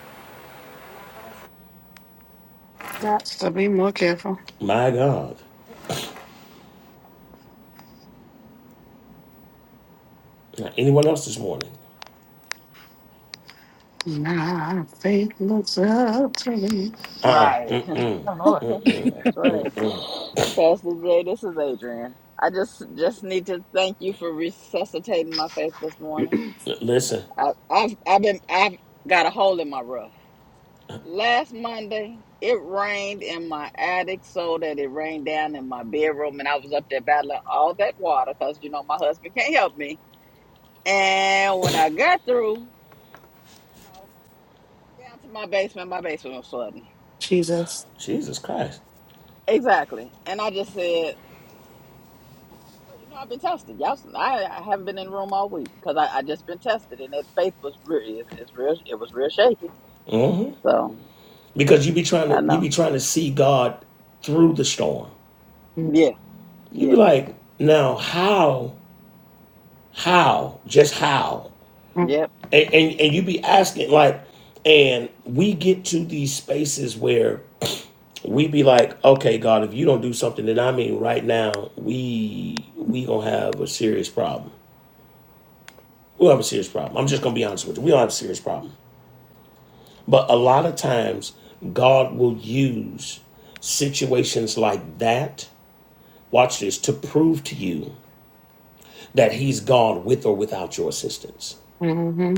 Got to be more careful. My God, Now, anyone else this morning? My faith looks up to me. Right. Oh, Lord. that's right. Pastor Jay, this is Adrian. I just just need to thank you for resuscitating my faith this morning. L- listen, I, I've I've been I've got a hole in my roof. Last Monday, it rained in my attic so that it rained down in my bedroom, and I was up there battling all that water because you know my husband can't help me. And when I got through, dried off, went down to my basement. My basement was flooding Jesus. Jesus Christ, exactly, and I just said, "So you know, I've been tested. Y'all, I, I haven't been in the room all week because I, I just been tested, and that faith was real. It, it's real. It was real shaky. hmm So because you be trying I to you be know. trying to see God through the storm. Yeah, You yeah, be like, now how, how, just how, yep. and and, and you be asking like, and we get to these spaces where we be like, okay, God, if you don't do something, then I mean, right now, we we gonna have a serious problem. We'll have a serious problem. I'm just gonna be honest with you. We don't have a serious problem. But a lot of times, God will use situations like that. Watch this to prove to you that He's gone with or without your assistance. hmm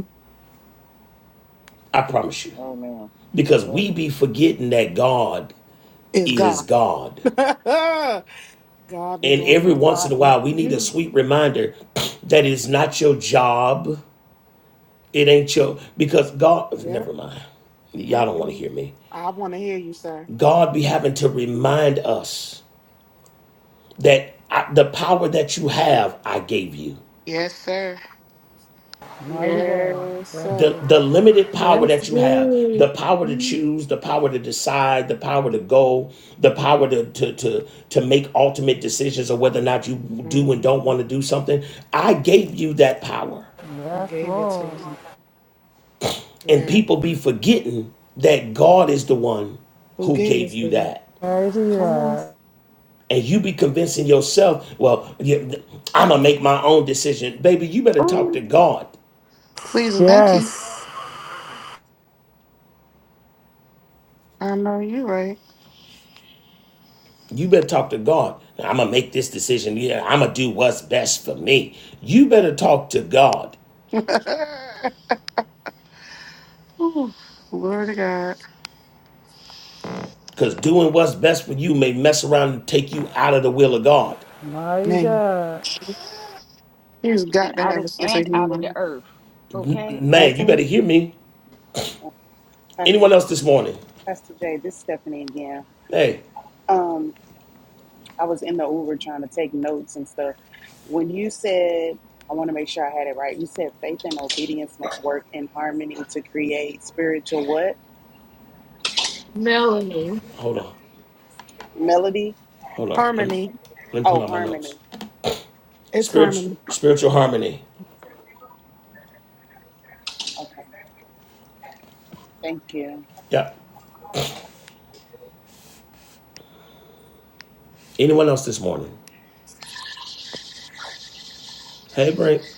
I promise you, Amen. because Yeah." we be forgetting that God Is is God. God. God be And doing every his once in a God. while, we need a Mhm. sweet reminder that it's not your job It ain't your because God. Yep. Never mind. Y'all don't want to hmm hear me. I want to hear you, sir. God be having to remind us that I, the power that you have, I gave you. Yes, sir. Mighty God. Yes, Yes, sir. The Lord. the limited power That's that you have, good. the power to Mhm. choose, the power to decide, the power to go, the power to to to, to make ultimate decisions of whether or not you do hmm and don't want to do something. I gave you that power, I Yes, gave it to Lord. you. and Yeah. people be forgetting that God is the one Who who gave it gave to you you? that. Mighty Come on. God. and you be convincing yourself, well, I'm gonna make my own decision, baby. You better talk to Ooh. God. Please and thank you. Yes, I know you right. You better talk to God. I'm gonna make this decision. Yeah, I'm gonna do what's best for me. You better talk to God, Ooh. Glory to God. cause doing what's best for you may mess around and take you out of the will of God. mighty Man, God. he's And got to out have of a sense of and out of the humor. earth. Okay. Man, you Okay. better hear me. Pastor, Anyone else this morning? Pastor Jay, this is Stephanie again. Hey, Um, I was in the Uber trying to take notes and stuff. When you said, I want to make sure I had it right. You said faith and obedience must work in harmony to create spiritual what? Melanie. hold on, Melody? hold on. Let me, Harmony. let me Oh, pull out my notes. harmony. It's Spiritual, harmony. spiritual harmony. Okay. Thank you. Yeah. Anyone else this morning? Hey, Brink.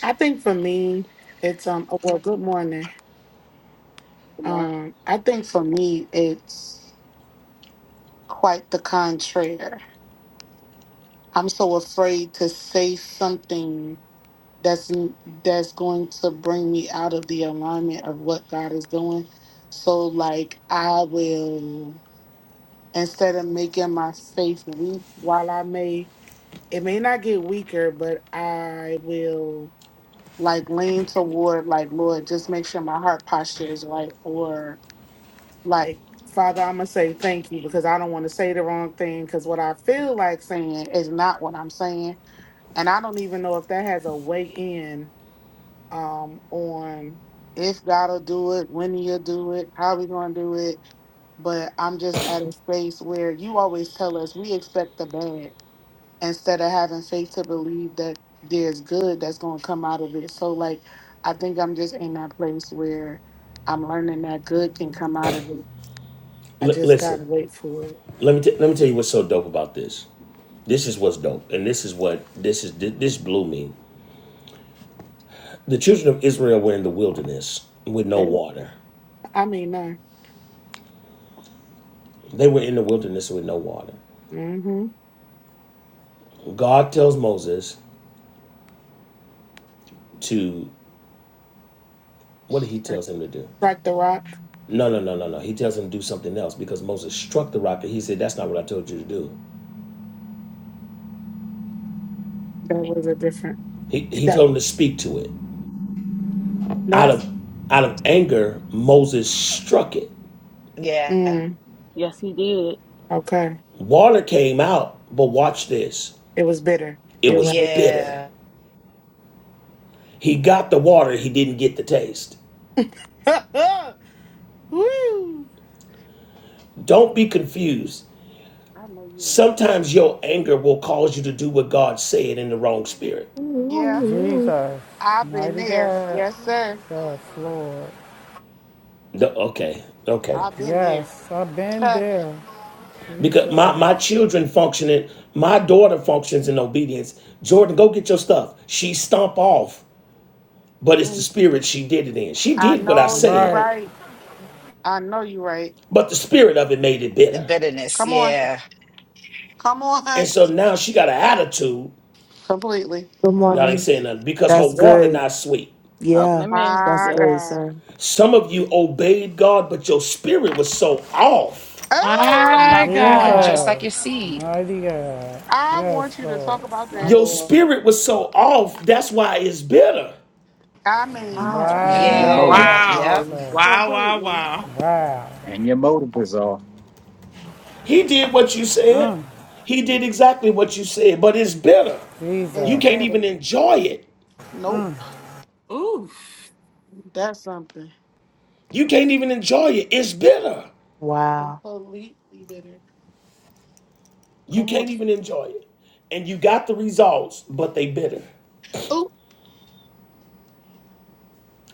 I think for me, it's um. oh, Well, good morning. Good morning, Um, I think for me, it's quite the contrary. I'm so afraid to say something that's that's going to bring me out of the alignment of what God is doing. So, like, I will instead of making my faith weak, while I may it may not get weaker, but I will like lean toward like Lord, just make sure my heart posture is right, or like father i'm gonna say thank you because i don't want to say the wrong thing because what i feel like saying is not what i'm saying and i don't even know if that has a way in um on if god'll do it when he'll do it how we gonna do it but i'm just at a space where you always tell us we expect the bad instead of having faith to believe that there's good that's gonna come out of it so like i think i'm just in that place where i'm learning that good can come out of it I L- just gotta listen, wait for it. let me t- let me tell you what's so dope about this. This is what's dope, and this is what this is. This blew me. The children of Israel were in the wilderness with no They, were- water. I mean, no. They were in the wilderness with no water. Mm-hmm. God tells Moses to what did He tells him to do? Strike the rock. No, no, no, no, no. He tells him to do something else because Moses struck the rock, and he said, "That's not what I told you to do." That was a different. He he That told him to speak to it. no, Out that's of out of anger, Moses struck it. Yeah. mm, Yes, he did, okay. Water came out, but watch this. It was bitter. It You're was right. bitter. Yeah. He got the water, he didn't get the taste. Woo! Don't be confused. I know you're right. Sometimes your anger will cause you to do what God said in the wrong spirit. Yeah, Ooh. Jesus, I've been mighty there. God. Yes, sir. Yes, Lord. The- okay, okay. I've been there. Yes, I've been Huh. there. Because my, Jesus. my children functioning, my daughter functions in obedience. Jordan, go get your stuff. She stomp off, but it's the Mm, spirit she did it in. She I did what I know you said, Right. right. I know you right. but the spirit of it made it The bitter. bitterness. Come on. Yeah. Come And on. so now she got an attitude. Completely. Good Y'all ain't morning. saying nothing because her That's water good. not sweet. Talking Yeah, to me, that's My good, yes. God. sir. Some of you obeyed God, but your spirit was so off. Oh, My Come on. Just God. like Jesus. your seed. Mighty God. I Yes, want you to Lord. talk about my Your this. Lord. spirit was so off. That's why it's bitter. I mean, Wow. Uh, you And your know motive, Wow. Yeah. Yep. Wow, Jesus. wow, Completely. wow. Wow. and your motive is off. He did what you said. He did exactly what you said, but it's bitter. It's You Jesus. can't better. even enjoy it. Nope. Ooh. That's something. You can't even enjoy it. It's bitter. Wow. Completely better. You Come on. can't even enjoy it. And you got the results, but they bitter. Oop.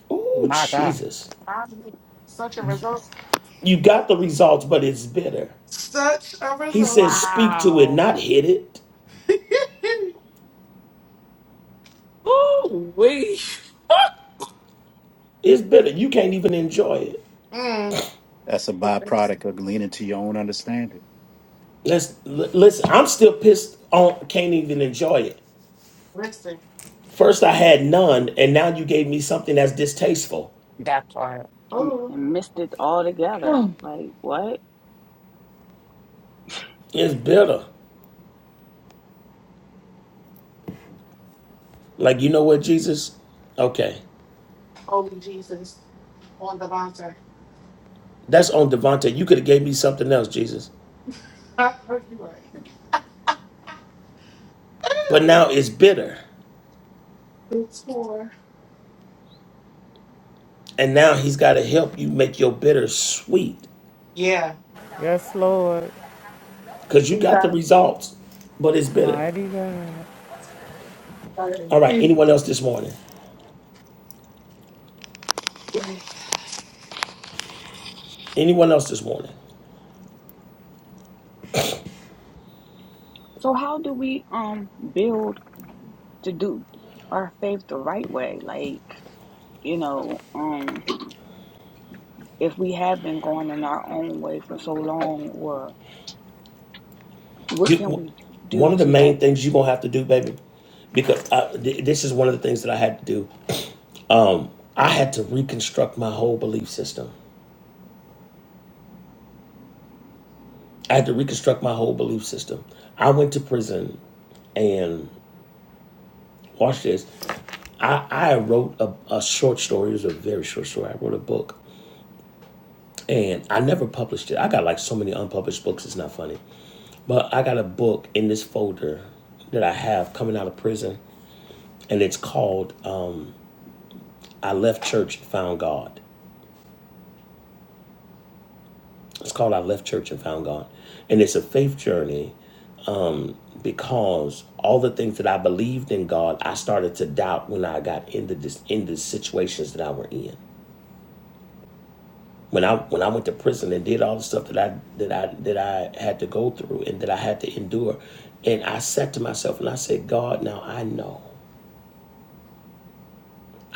Oh My God. Jesus. I knew Such a result. You got the results, but it's bitter. Such a He result. says, speak to it, Wow. not hit it. Ooh, wee. It's bitter. You can't even enjoy it. mm. That's a Listen. byproduct of leaning to your own understanding. Let's l- listen. I'm still pissed on. Can't even enjoy it. First, I had none, and now you gave me something that's distasteful. That part. and Oh, and missed it all together. Like what? It's bitter. Like you know what, Jesus? Okay, holy Jesus on the bonsai. that's on Devontae. You could have gave me something else, Jesus. I know you right. But Ooh. now it's bitter, It's for. and now He's got to help you make your bitter sweet, Yeah. Yes, Lord. cause you You got the results, but it's bitter. Mighty God. All right. Anyone else this morning? Anyone else this morning? So how do we um build to do our faith the right way? Like you know, um, if we have been going in our own way for so long, or what can You, we do one of the to like main things you're gonna have to do, baby, because I, th- this is one of the things that I had to do. Um, I had to reconstruct my whole belief system. I had to reconstruct my whole belief system. I went to prison and watch this. I, I wrote a, a short story. It was a very short story. I wrote a book and I never published it. I got like so many unpublished books. It's not funny, but I got a book in this folder that I have coming out of prison, and it's called um, "I Left Church and Found God." It's called I Left Church and Found God. And it's a faith journey because all the things that I believed in God, I started to doubt when I got into this in the situations that I were in. When I when I went to prison and did all the stuff that I that I that I had to go through and that I had to endure. And I said to myself and I said, God, now I know.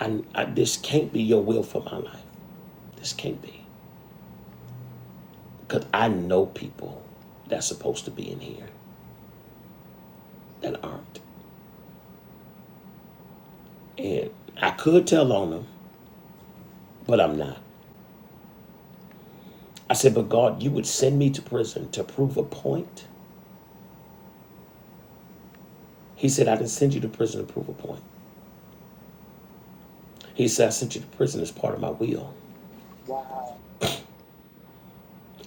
I, I this can't be your will for my life. This can't be. Because I know people that's supposed to be in here that aren't. And I could tell on them but I'm not. I said, but God, you would send me to prison to prove a point. He said, I didn't send you to prison to prove a point. He said, I sent you to prison as part of my will.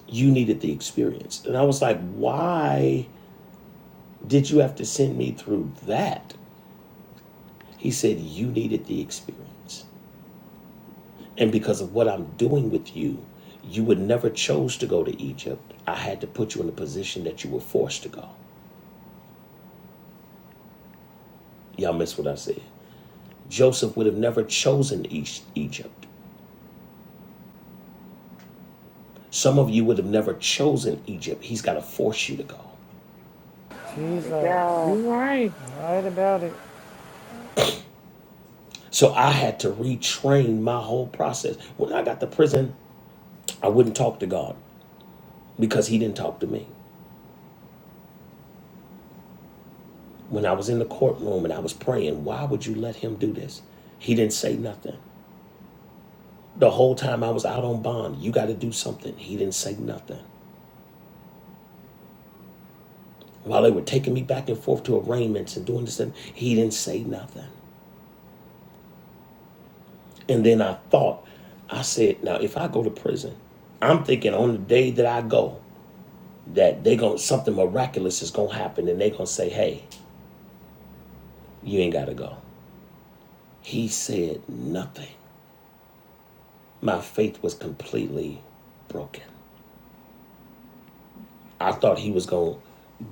You needed the experience. And I was like, why did you have to send me through that? He said, you needed the experience. And because of what I'm doing with you, you would never chose to go to Egypt. I had to put you in a position that you were forced to go. Y'all miss what I said. Joseph would have never chosen Egypt. Some of you would have never chosen Egypt. He's got to force you to go. it. Mighty Jesus. You God. right. Right about it. So I had to retrain my whole process. When I got to prison, I wouldn't talk to God because He didn't talk to me. When I was in the courtroom and I was praying, why would you let Him do this? He didn't say nothing. The whole time I was out on bond, you got to do something. He didn't say nothing. While they were taking me back and forth to arraignments and doing this, and he didn't say nothing. And then I thought, I said, now if I go to prison, I'm thinking on the day that I go, that they going to something miraculous is gonna happen and they gonna say, Hey, you ain't gotta go. He said nothing. My faith was completely broken. I thought he was gonna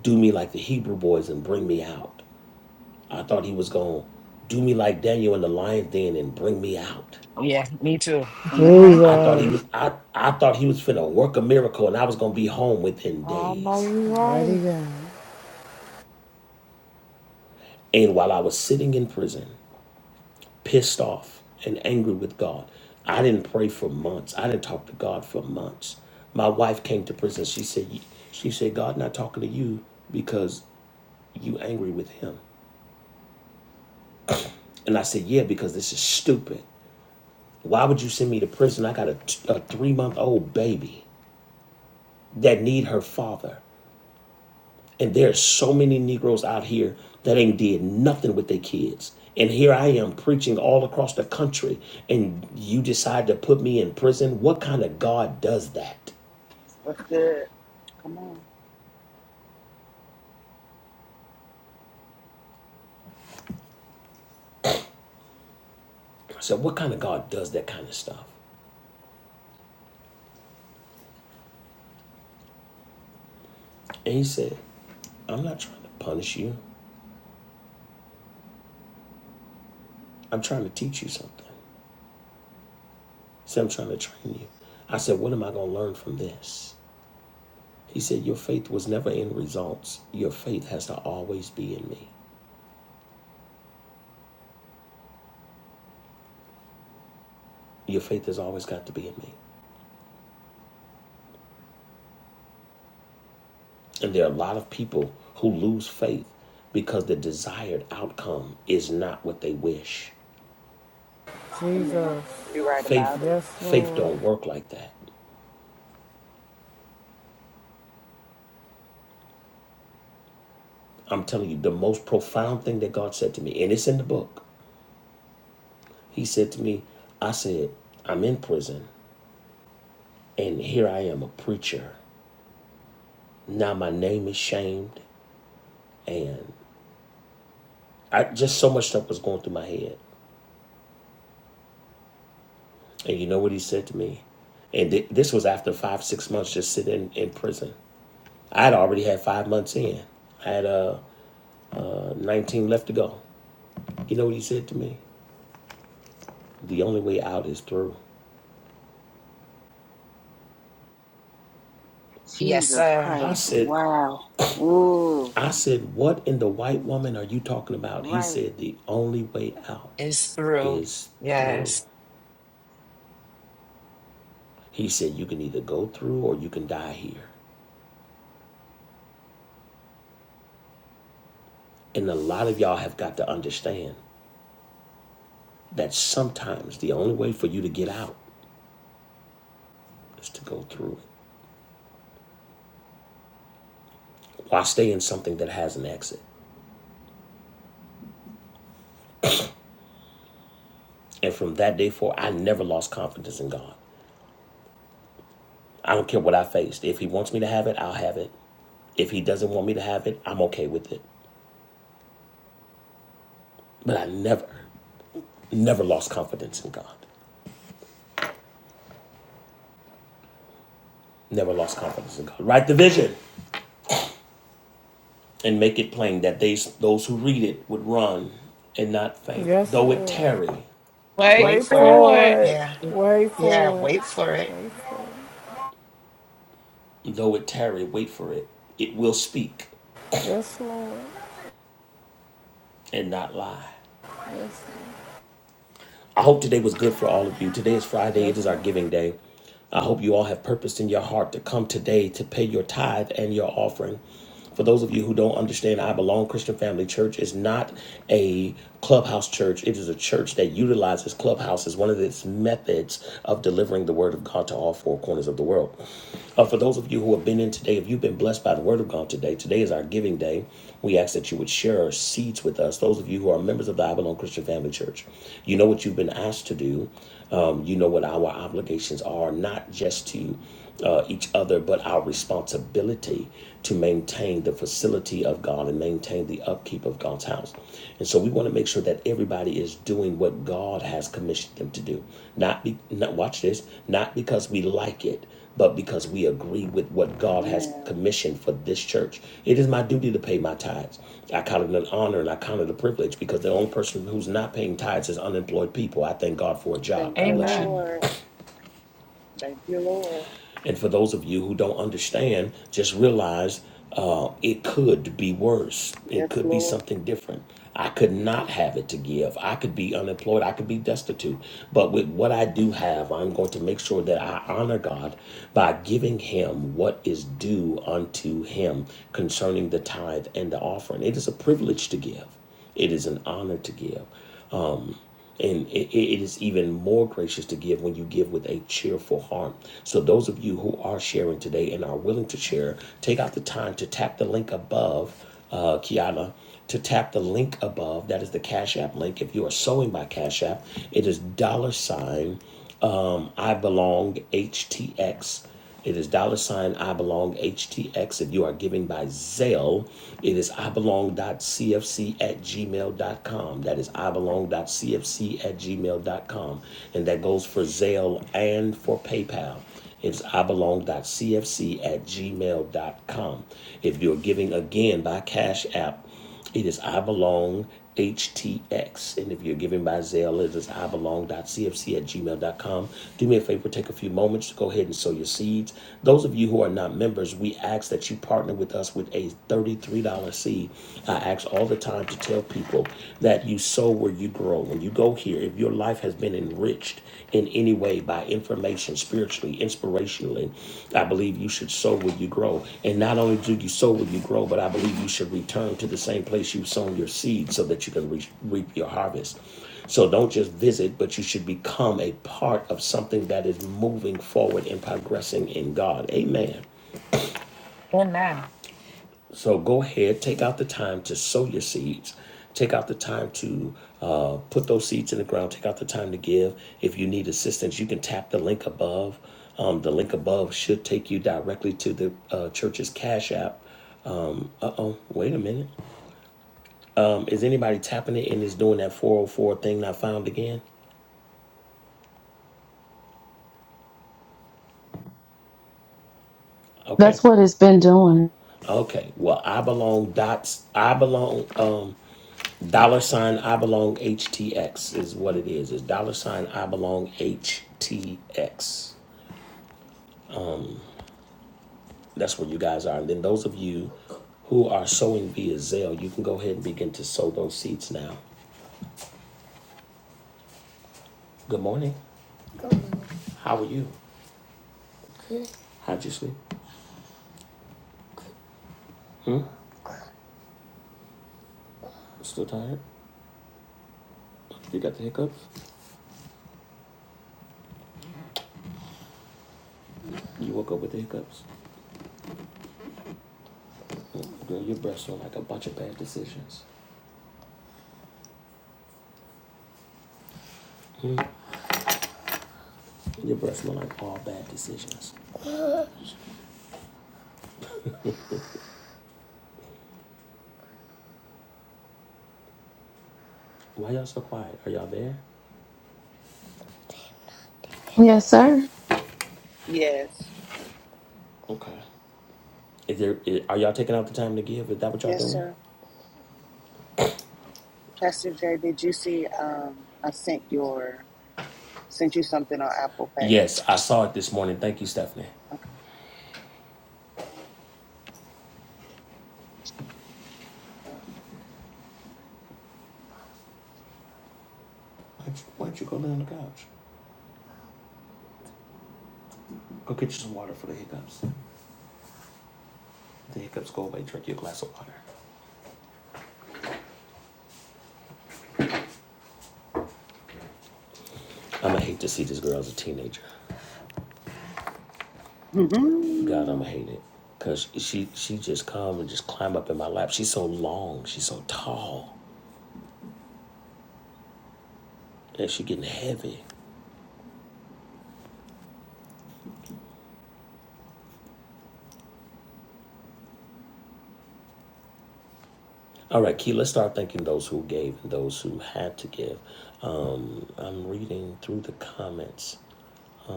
do me like the Hebrew boys and bring me out. I thought he was gonna do me like Daniel in the lion's den and bring me out. Yeah, me too. hmm I thought he Jesus. was I, I thought he was finna work a miracle and I was gonna be home within I know days. you Mighty right. God. And while I was sitting in prison, pissed off and angry with God. I didn't pray for months. I didn't talk to God for months. My wife came to prison. She said, she said, God not talking to you because you angry with him. And I said, yeah, because this is stupid. Why would you send me to prison? I got a, t- a three month old baby that need her father. And there's so many Negroes out here that ain't did nothing with their kids. And here I am preaching all across the country, and you decide to put me in prison. What kind of God does that? Come on. I said, What kind of God does that kind of stuff? And he said, I'm not trying to punish you. I'm trying to teach you something. He said, I'm trying to train you. I said, What am I going to learn from this? He said, Your faith was never in results. Your faith has to always be in me. Your faith has always got to be in me. And there are a lot of people who lose faith because the desired outcome is not what they wish. Amen. Jesus. You're right about Faith it. Yes, faith Lord. don't work like that. I'm telling you the most profound thing that God said to me and it's in the book. He said to me, I said, I'm in prison and here I am a preacher. Now my name is shamed and I just so much stuff was going through my head. And you know what he said to me? And th- this was after five, six months just sitting in prison. I'd already had five months in. I had uh, uh, 19 left to go. You know what he said to me? The only way out is through. Yes, Jesus sir. I Christ? said, Wow, ooh, I said, what in the white woman are you talking about? He right, said, the only way out It's through. is through. Yes. He said, you can either go through or you can die here. And a lot of y'all have got to understand that sometimes the only way for you to get out is to go through it. Why stay in something that has an exit? And from that day forward, I never lost confidence in God. I don't care what I faced. If he wants me to have it, I'll have it. If he doesn't want me to have it, I'm okay with it. But I never, never lost confidence in God. Never lost confidence in God. Write the vision and make it plain that they, those who read it would run and not faint. Yes, Though it Lord. tarry, Wait Wait Wait for it. for for it. it. Yeah. Wait Yeah. for it. Wait for it. though it tarry, wait for it. It will speak Yes, Lord. and not lie. Yes, Lord. I hope today was good for all of you. Today is Friday, Yes, it is our Lord. giving day. I hope you all have purpose in your heart to come today to pay your tithe and your offering. For those of you who don't understand, I belong Christian Family Church is not a clubhouse church. It is a church that utilizes clubhouse as one of its methods of delivering the word of God to all four corners of the world. Uh, for those of you who have been in today, if you've been blessed by the word of God today, today is our giving day. We ask that you would share our seeds with us. Those of you who are members of the Avalon Christian Family Church, you know what you've been asked to do. Um, you know what our obligations are, not just to uh, each other, but our responsibility to maintain the facility of God and maintain the upkeep of God's house. And so we want to make sure that everybody is doing what God has commissioned them to do. Not be not watch this, not because we like it, but because we agree with what God has Amen. commissioned for this church. It is my duty to pay my tithes. I count it an honor and I count it a privilege because the only person who's not paying tithes is unemployed people. I thank God for a job. Thank you, God bless you. Amen. Lord. Thank you, Lord. And for those of you who don't understand, just realize uh, it could be worse. It Yes, could be Lord. something different. I could not have it to give. I could be unemployed. I could be destitute. But with what I do have, I'm going to make sure that I honor God by giving Him what is due unto Him concerning the tithe and the offering. It is a privilege to give. It is an honor to give. And it, it is even more gracious to give when you give with a cheerful heart. So, those of you who are sharing today and are willing to share, take out the time to tap the link above, uh, Kiana, to tap the link above. That is the Cash App link. If you are sewing by Cash App, it is dollar sign um, I Belong HTX. It is dollar sign I Belong HTX. If you are giving by Zelle, it is I belong CFC at Gmail dot com. That is I belong CFC at Gmail dot com, And that goes for Zelle and for PayPal. It's I belong CFC at Gmail dot com. If you're giving again by Cash App, it is I belong HTX. And if you're giving by Zelle, it is I belong dot CFC at Gmail dot com. Do me a favor, take a few moments to go ahead and sow your seeds. Those of you who are not members, we ask that you partner with us with a $33 seed. I ask all the time to tell people that you sow where you grow. When you go here, if your life has been an enriched in any way by information spiritually, inspirationally, I believe you should sow where you grow. And not only do you sow where you grow, but I believe you should return to the same place you've sown your seed so that you can re- reap your harvest. So don't just visit, but you should become a part of something that is moving forward and progressing in God. Amen. So go ahead, take out the time to sow your seeds. Take out the time to uh, put those seeds in the ground. Take out the time to give. If you need assistance, you can tap the link above. Um, the link above should take you directly to the uh, church's Cash App. Um, uh oh, wait a minute. Um, is anybody tapping it and is doing that 404 thing Not found again? Okay. That's what it's been doing. Okay. Well, I belong dots. I belong. Um, Dollar sign I belong HTX is what it is. It's dollar sign I belong HTX. That's where you guys are. And then those of you who are sowing via Zelle, you can go ahead and begin to sow those seeds now. Good morning. Good morning. How are you? Good. How'd you sleep? Still tired? You got the hiccups? You woke up with the hiccups? Girl, your breath smell like a bunch of bad decisions. Your breath smell like all bad decisions. Why y'all so quiet? Are y'all there? Yes, sir. Yes. Okay. Is there, is, are y'all taking out the time to give? Is that what y'all Yes, doing? sir. Pastor Jay, did you see um I sent your sent you something on Apple Pay? Yes, I saw it this morning. Thank you, Stephanie. Why don't you, why don't you go lay on the couch? Go get you some water for the hiccups. If The hiccups go away. Drink you a glass of water. I'ma hate to see this girl as a teenager. God, I'ma hate it. Cause she she just come and just climb up in my lap. She's so long. She's so tall. And she's getting heavy. All right, Key, let's start thanking those who gave and those who had to give. Um, I'm reading through the comments.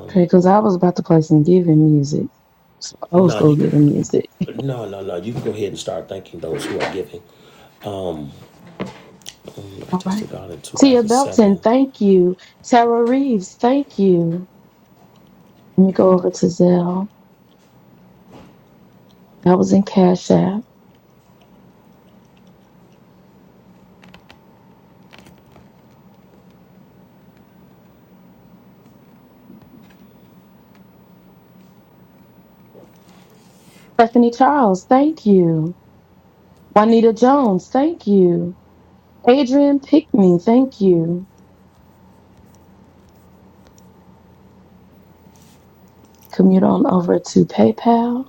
Okay, because I was about to play some giving music. Some old No, school you giving music. No, no, no. You can go ahead and start thanking those who are giving. Um, I All right. tested God in Tia Belton, 2007. thank you. Tara Reeves, thank you. Let me go over to Zelle. That was in Cash App. Stephanie Charles, thank you. Juanita Jones, thank you. Adrian Pickney, thank you. Commute on over to PayPal.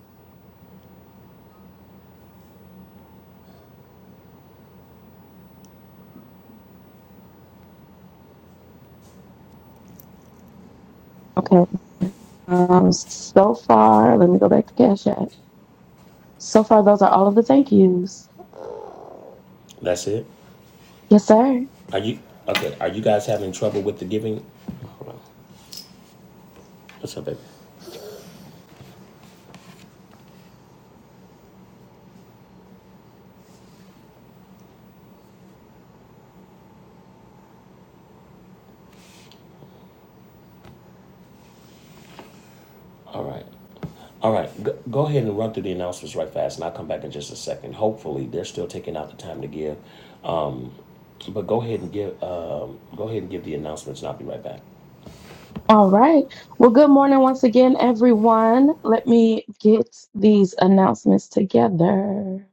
Okay. Um, so far, let me go back to Cash App. So far, those are all of the thank yous. That's it. Yes, sir. Are you okay? Are you guys having trouble with the giving? Hold on. What's up, baby? All right. All right. Go, go ahead and run through the announcements right fast, and I'll come back in just a second. Hopefully, they're still taking out the time to give, but go ahead and give. Um, go ahead and give the announcements, and I'll be right back. All right. Well, good morning once again, everyone. Let me get these announcements together.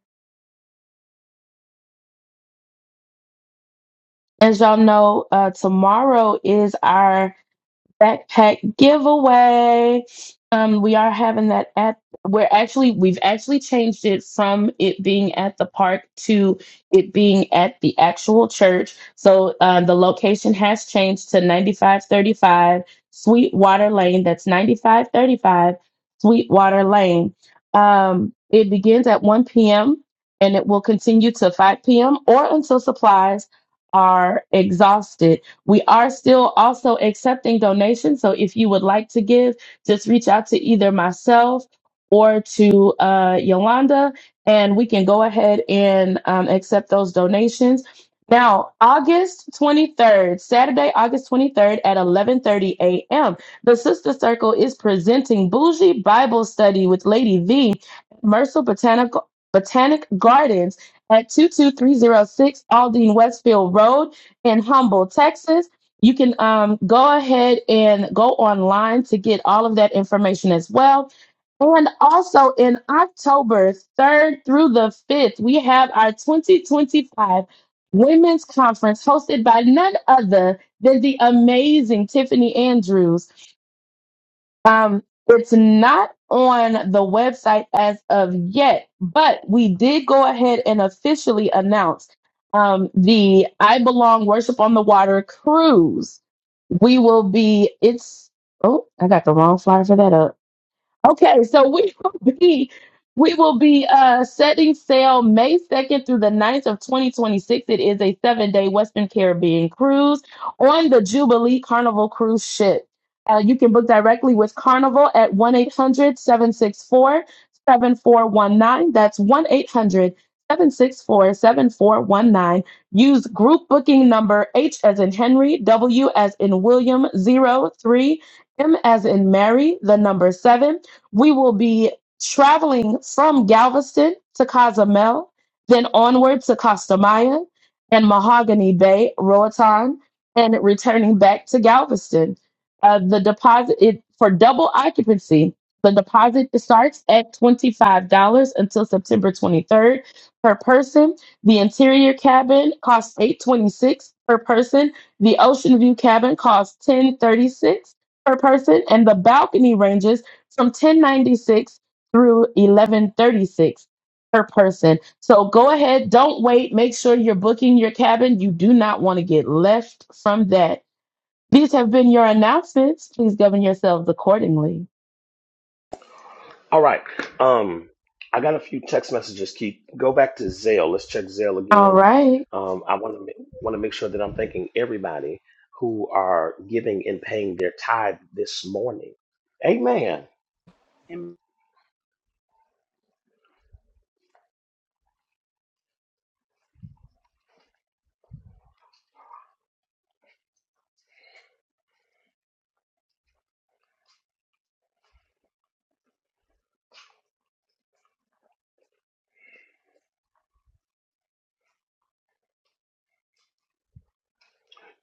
As y'all know, uh, tomorrow is our backpack giveaway. Um, we are having that at we're actually we've actually changed it from it being at the park to it being at the actual church. So uh, the location has changed to 9535 Sweetwater Lane. That's 9535 Sweetwater Lane. Um, it begins at 1 p.m. and it will continue to 5 p.m. or until supplies are exhausted we are still also accepting donations. So if you would like to give, just reach out to either myself or to uh, Yolanda, and we can go ahead and um, accept those donations. Now, August 23rd, Saturday, August 23rd at 11:30 a.m. The Sister Circle is presenting Bougie Bible Study with Lady V, at Mercer Botanical Botanic Gardens at 22306 Aldine Westfield Road in Humble, Texas. You can um, go ahead and go online to get all of that information as well. And also in October 3rd through the 5th, we have our 2025 Women's Conference hosted by none other than the amazing Tiffany Andrews. Um, it's not on the website as of yet, but we did go ahead and officially announce um, the I Belong Worship on the Water cruise. We will be, it's, oh, I got the wrong flyer for that up Okay, so we will be we will be uh setting sail May 2nd through the ninth of 2026. It is a seven-day Western Caribbean cruise on the Jubilee Carnival cruise ship. Uh, you can book directly with Carnival at one eight hundred seven six four seven four one nine. That's one eight hundred seven six four seven four one nine. Use group booking number H as in Henry, W as in William, zero three M as in Mary, the number 7 we will be traveling from Galveston to Cozumel, then onward to Costa Maya and Mahogany Bay, Roatan, and returning back to Galveston. Uh, the deposit it, for double occupancy, the deposit starts at $25 until September 23rd per person. The interior cabin costs $826 per person. The ocean view cabin costs $1036 per person. And the balcony ranges from 1096 through 1136 per person. So go ahead, don't wait. Make sure you're booking your cabin. You do not want to get left from that. These have been your announcements. Please govern yourselves accordingly. All right. Um, I got a few text messages. Keep go back to Zale. Let's check Zale All again. right. Um, I want to want to make sure that I'm thanking everybody who are giving and paying their tithe this morning. Amen. Mm,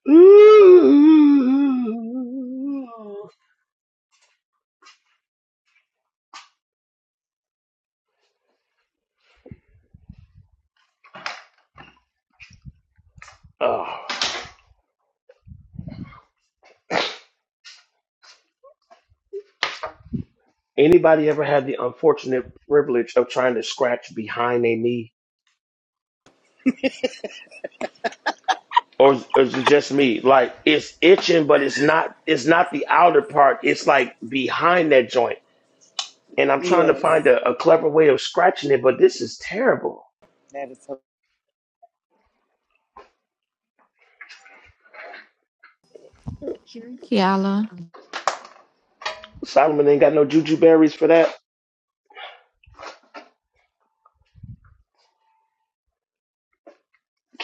Ooh. Oh. Anybody ever had the unfortunate privilege of trying to scratch behind a knee? Or is, or is it just me? Like it's itching, but it's not. It's not the outer part. It's like behind that joint, and I'm trying to find Yes. a, a clever way of scratching it. But this is terrible. That is Kiala. Solomon ain't got no juju berries for that.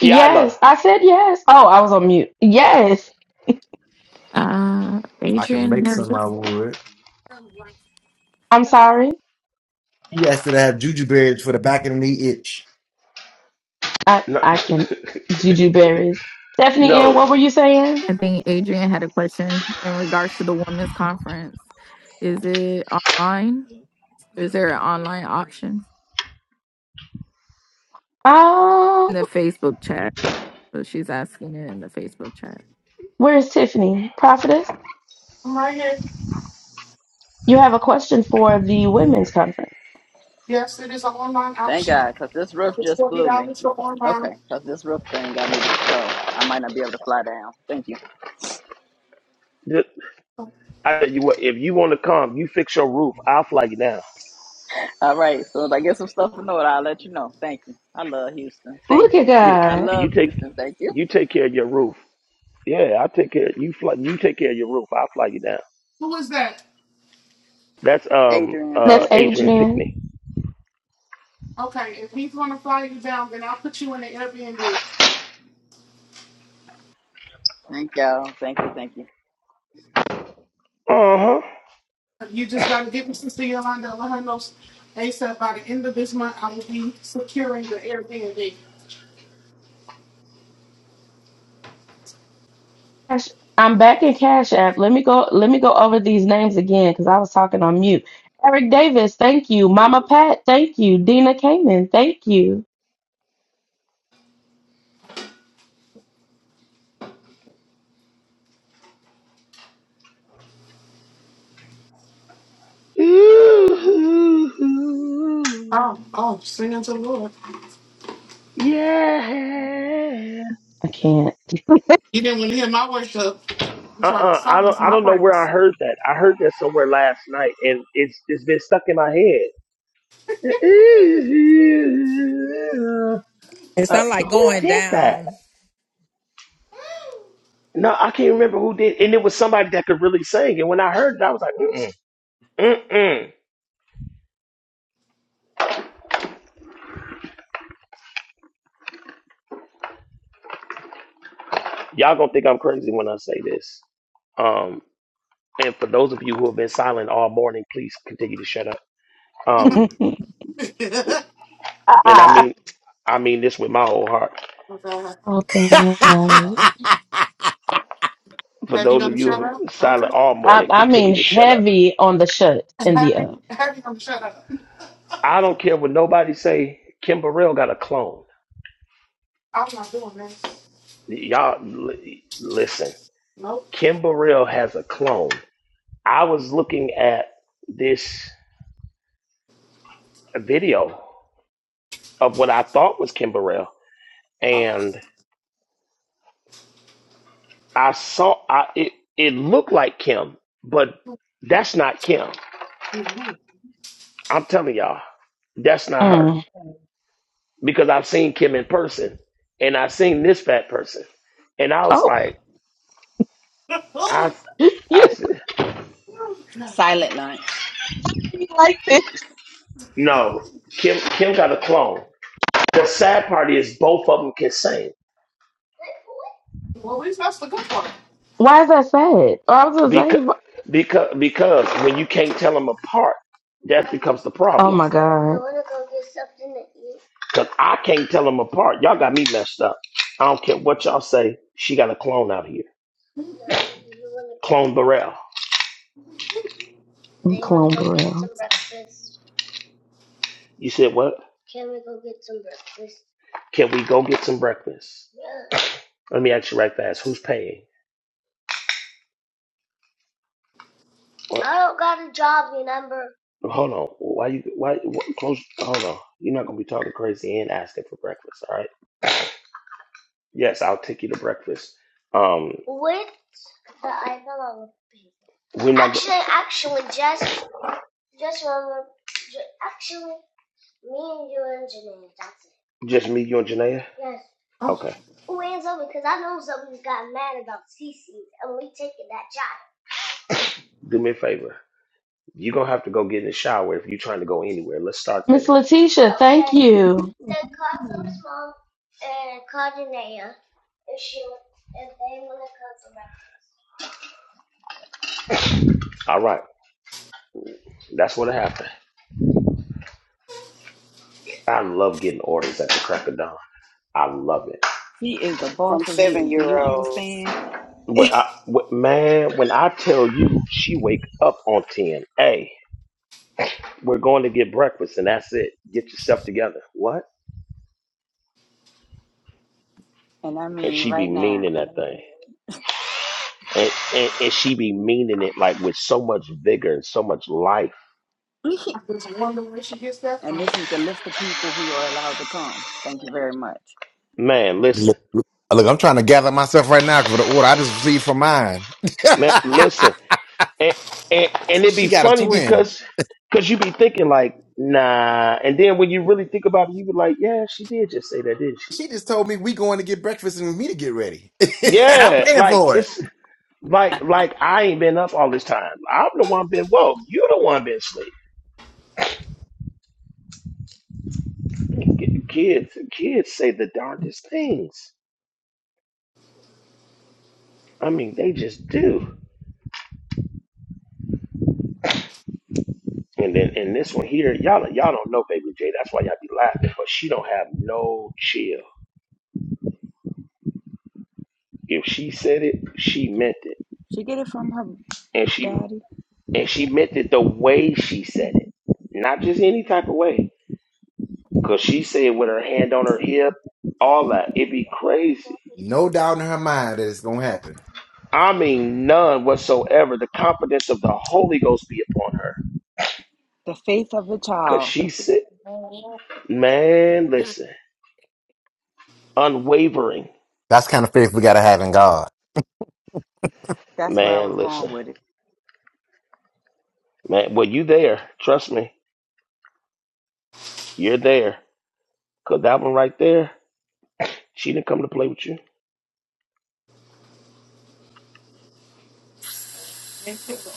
Yes, I said yes. Oh, I was on mute. Yes. Uh, I can Adrian make has, some, I would. I'm sorry. He has to have juju berries for the back of the knee itch. I No, I can Juju berries. Stephanie N, no. what were you saying? I think Adrian had a question in regards to the women's conference. Is it online? Is there an online option? Um, In the Facebook chat. So she's asking it in the Facebook chat. where is Tiffany? Prophetess? I'm right here. You have a question for the women's conference. Yes, it is an online Thank option. God, because this roof It's just forty blew me. dollars for online. Okay, because this roof thing got me, so I might not be able to fly down. Thank you. I tell you what. If you want to come, you fix your roof. I'll fly you down. All right, so if I get some stuff in order, I'll let you know. Thank you. I love Houston. Thank Look at you. Yeah, I God. you love take Houston. Thank you. you take care of your roof. Yeah, I'll take care. You fly. You take care of your roof. I'll fly you down. Who is that? That's um Adrian That's uh Pinkney. Adrian Adrian. Pickney. Okay, if he's gonna fly you down, then I'll put you in the Airbnb. Thank y'all. Thank you. Thank you. Uh huh. You just gotta give me Sister Yolanda and let her know ASAP by the end of this month I will be securing the Airbnb. Cash- I'm back in Cash App. Let me go. Let me go over these names again because I was talking on mute. Eric Davis, thank you. Mama Pat, thank you. Dina Kamen, thank you. Ooh, Oh, oh, singing to the Lord. yeah. I can't. You didn't want to hear my worship. You Uh tried to uh I don't silence I my don't know where I praise. heard that. I heard that somewhere last night, and it's it's been stuck in my head. Ooh. It's Uh, not like who going did that? down. No, I can't remember who did. And it was somebody that could really sing. And when I heard it, I was like, mm-mm, mm-mm. Y'all gonna think I'm crazy when I say this. Um, and for those of you who have been silent all morning, please continue to shut up. Um, oh and I I, mean, I mean this with my whole heart. God. Oh God. For Have you those done of the you shut who up? are Okay. silent all I, morning, I mean, continue to shut up. heavy on the shut And in the Have you, up. have you gonna shut up? I don't care what nobody say. Kim Burrell got a clone. I'm not doing that. Y'all, li- listen. Nope. Kim Burrell has a clone. I was looking at this video of what I thought was Kim Burrell, Okay. and I saw I, it. It looked like Kim, but that's not Kim. I'm telling y'all, that's not her Mm. because I've seen Kim in person, and I've seen this fat person, and I was Oh, like, I, you, I you said, Oh, God. silent lunch. like this? no, Kim. Kim got a clone. The sad part is both of them can sing Well, at least that's the good part. Why is that sad? Oh, I was just Because, saying. but- because, because when you can't tell them apart, that becomes the Oh problem. my God, Because I can't tell them apart. Y'all got me messed up. I don't care what y'all say. She got a clone out here. Clone Burrell. I'm You Clone Burrell. said what? Can we go get some breakfast? Let me ask you right fast. Who's paying? What? I don't got a job, remember? Hold on. Why you? Why? What, close. Hold on. You're not gonna be talking crazy and asking for breakfast. All right. Yes, I'll take you to breakfast. Um, With the I fell out with people. we're not. go- Actually, actually, just, just remember, ju- actually, me and you and Janine, that's it. Just me, you, and Janaea. Yes. Okay. Where's up? Because I know somebody's got mad about Cece and we taking that job. Do me a favor. You're gonna have to go get in the shower if you're trying to go anywhere. Let's start Miss there. Letitia, thank Okay. you. The cosmos mom and call Danae If she, if they wanna come around. All right. That's what happened. I love getting orders at the crack of dawn. I love it. He is the boss from of seven you. Do year you olds. understand? When I, when- man, when I tell you she wake up on 10, hey, we're going to get breakfast and that's it. Get yourself together. What? And I And mean, she be right now. meaning that thing. And, and, and she be meaning it like with so much vigor and so much life I and just wonder where she gets that from. this is the list of people who are allowed to come. Thank you very much. Man, listen, Look, look, look, I'm trying to gather myself right now for the order I just received from mine. man, listen, and and, and it'd she be got a funny twin. because because you be thinking like, nah, and then when you really think about it, you be like, yeah, she did just say that, didn't she? She just told me we going to get breakfast and me to get ready, and I'm Yeah, paying like for it. it's like like I ain't been up all this time. I'm the one been woke. You the one been asleep. K- Kids, kids say the darndest things. I mean, they just do. And then and this one here, y'all y'all don't know, baby J. That's why y'all be laughing. But she don't have no chill. If she said it, she meant it. She get it from her and she daddy. and she meant it the way she said it, not just any type of way. Cause she said with her hand on her hip, all that. It'd be crazy. No doubt in her mind that it's gonna happen. I mean, none whatsoever. The confidence of the Holy Ghost be upon her. The faith of a Cause child. she said, man, listen, unwavering. That's the kind of faith we gotta have in God. That's where I Man, was going listen, with it. man. Well, you there? Trust me, you're there. Cause that one right there, she didn't come to play with you. Thank you, Lord.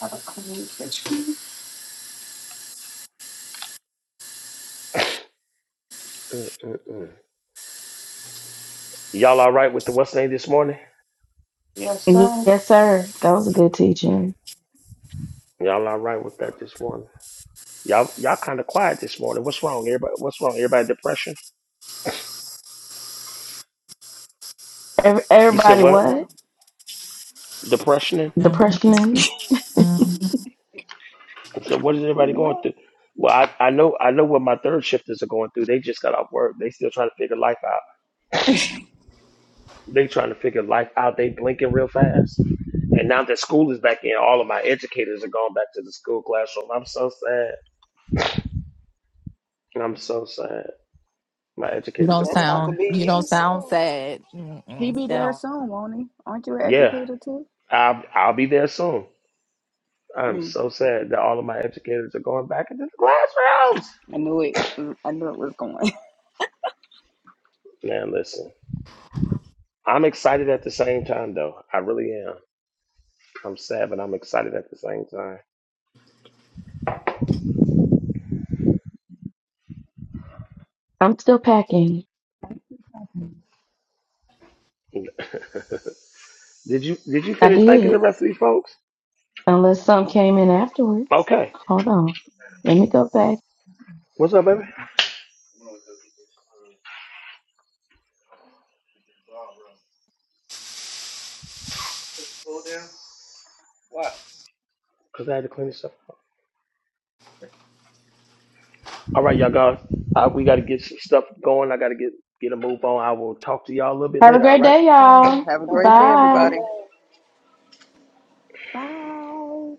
Have a clean kitchen. Mm-mm-mm. Y'all all right with the what's name this morning? Yes, sir. Yes, sir. That was a good teaching. Y'all all right with that this morning? Y'all y'all kind of quiet this morning. What's wrong, everybody? What's wrong, everybody? Depression? Every, You said everybody, what? what? No. Depression? Yeah. Depression. Mm-hmm. So what is everybody going What? through? Well, I, I know I know what my third shifters are going through. They just got off work. They still trying to figure life out. They trying to figure life out. They blinking real fast. And now that school is back in, all of my educators are going back to the school classroom. I'm so sad. I'm so sad. My You educators don't are going back. sound you don't sound So sad. He Mm-mm. be That there don't soon, won't he? Aren't you an Yeah, educator too? I'll, I'll be there soon. I'm Mm, so sad that all of my educators are going back into the classrooms. I knew it. Mm, I knew it was going. Man, listen. I'm excited at the same time though. I really am. I'm sad, but I'm excited at the same time. I'm still packing. did you did you I finish thanking the did, rest of these folks? unless some came in afterwards. Okay. Hold on. Let me go back. What's up, baby? Cause I had to clean this up. All right, y'all guys. Uh, we gotta get some stuff going. I gotta get get a move on. I will talk to y'all a little bit Have a later, all great right? day, Hey, y'all. have a bye great day, y'all. Have a good Bye. everybody. day. Bye.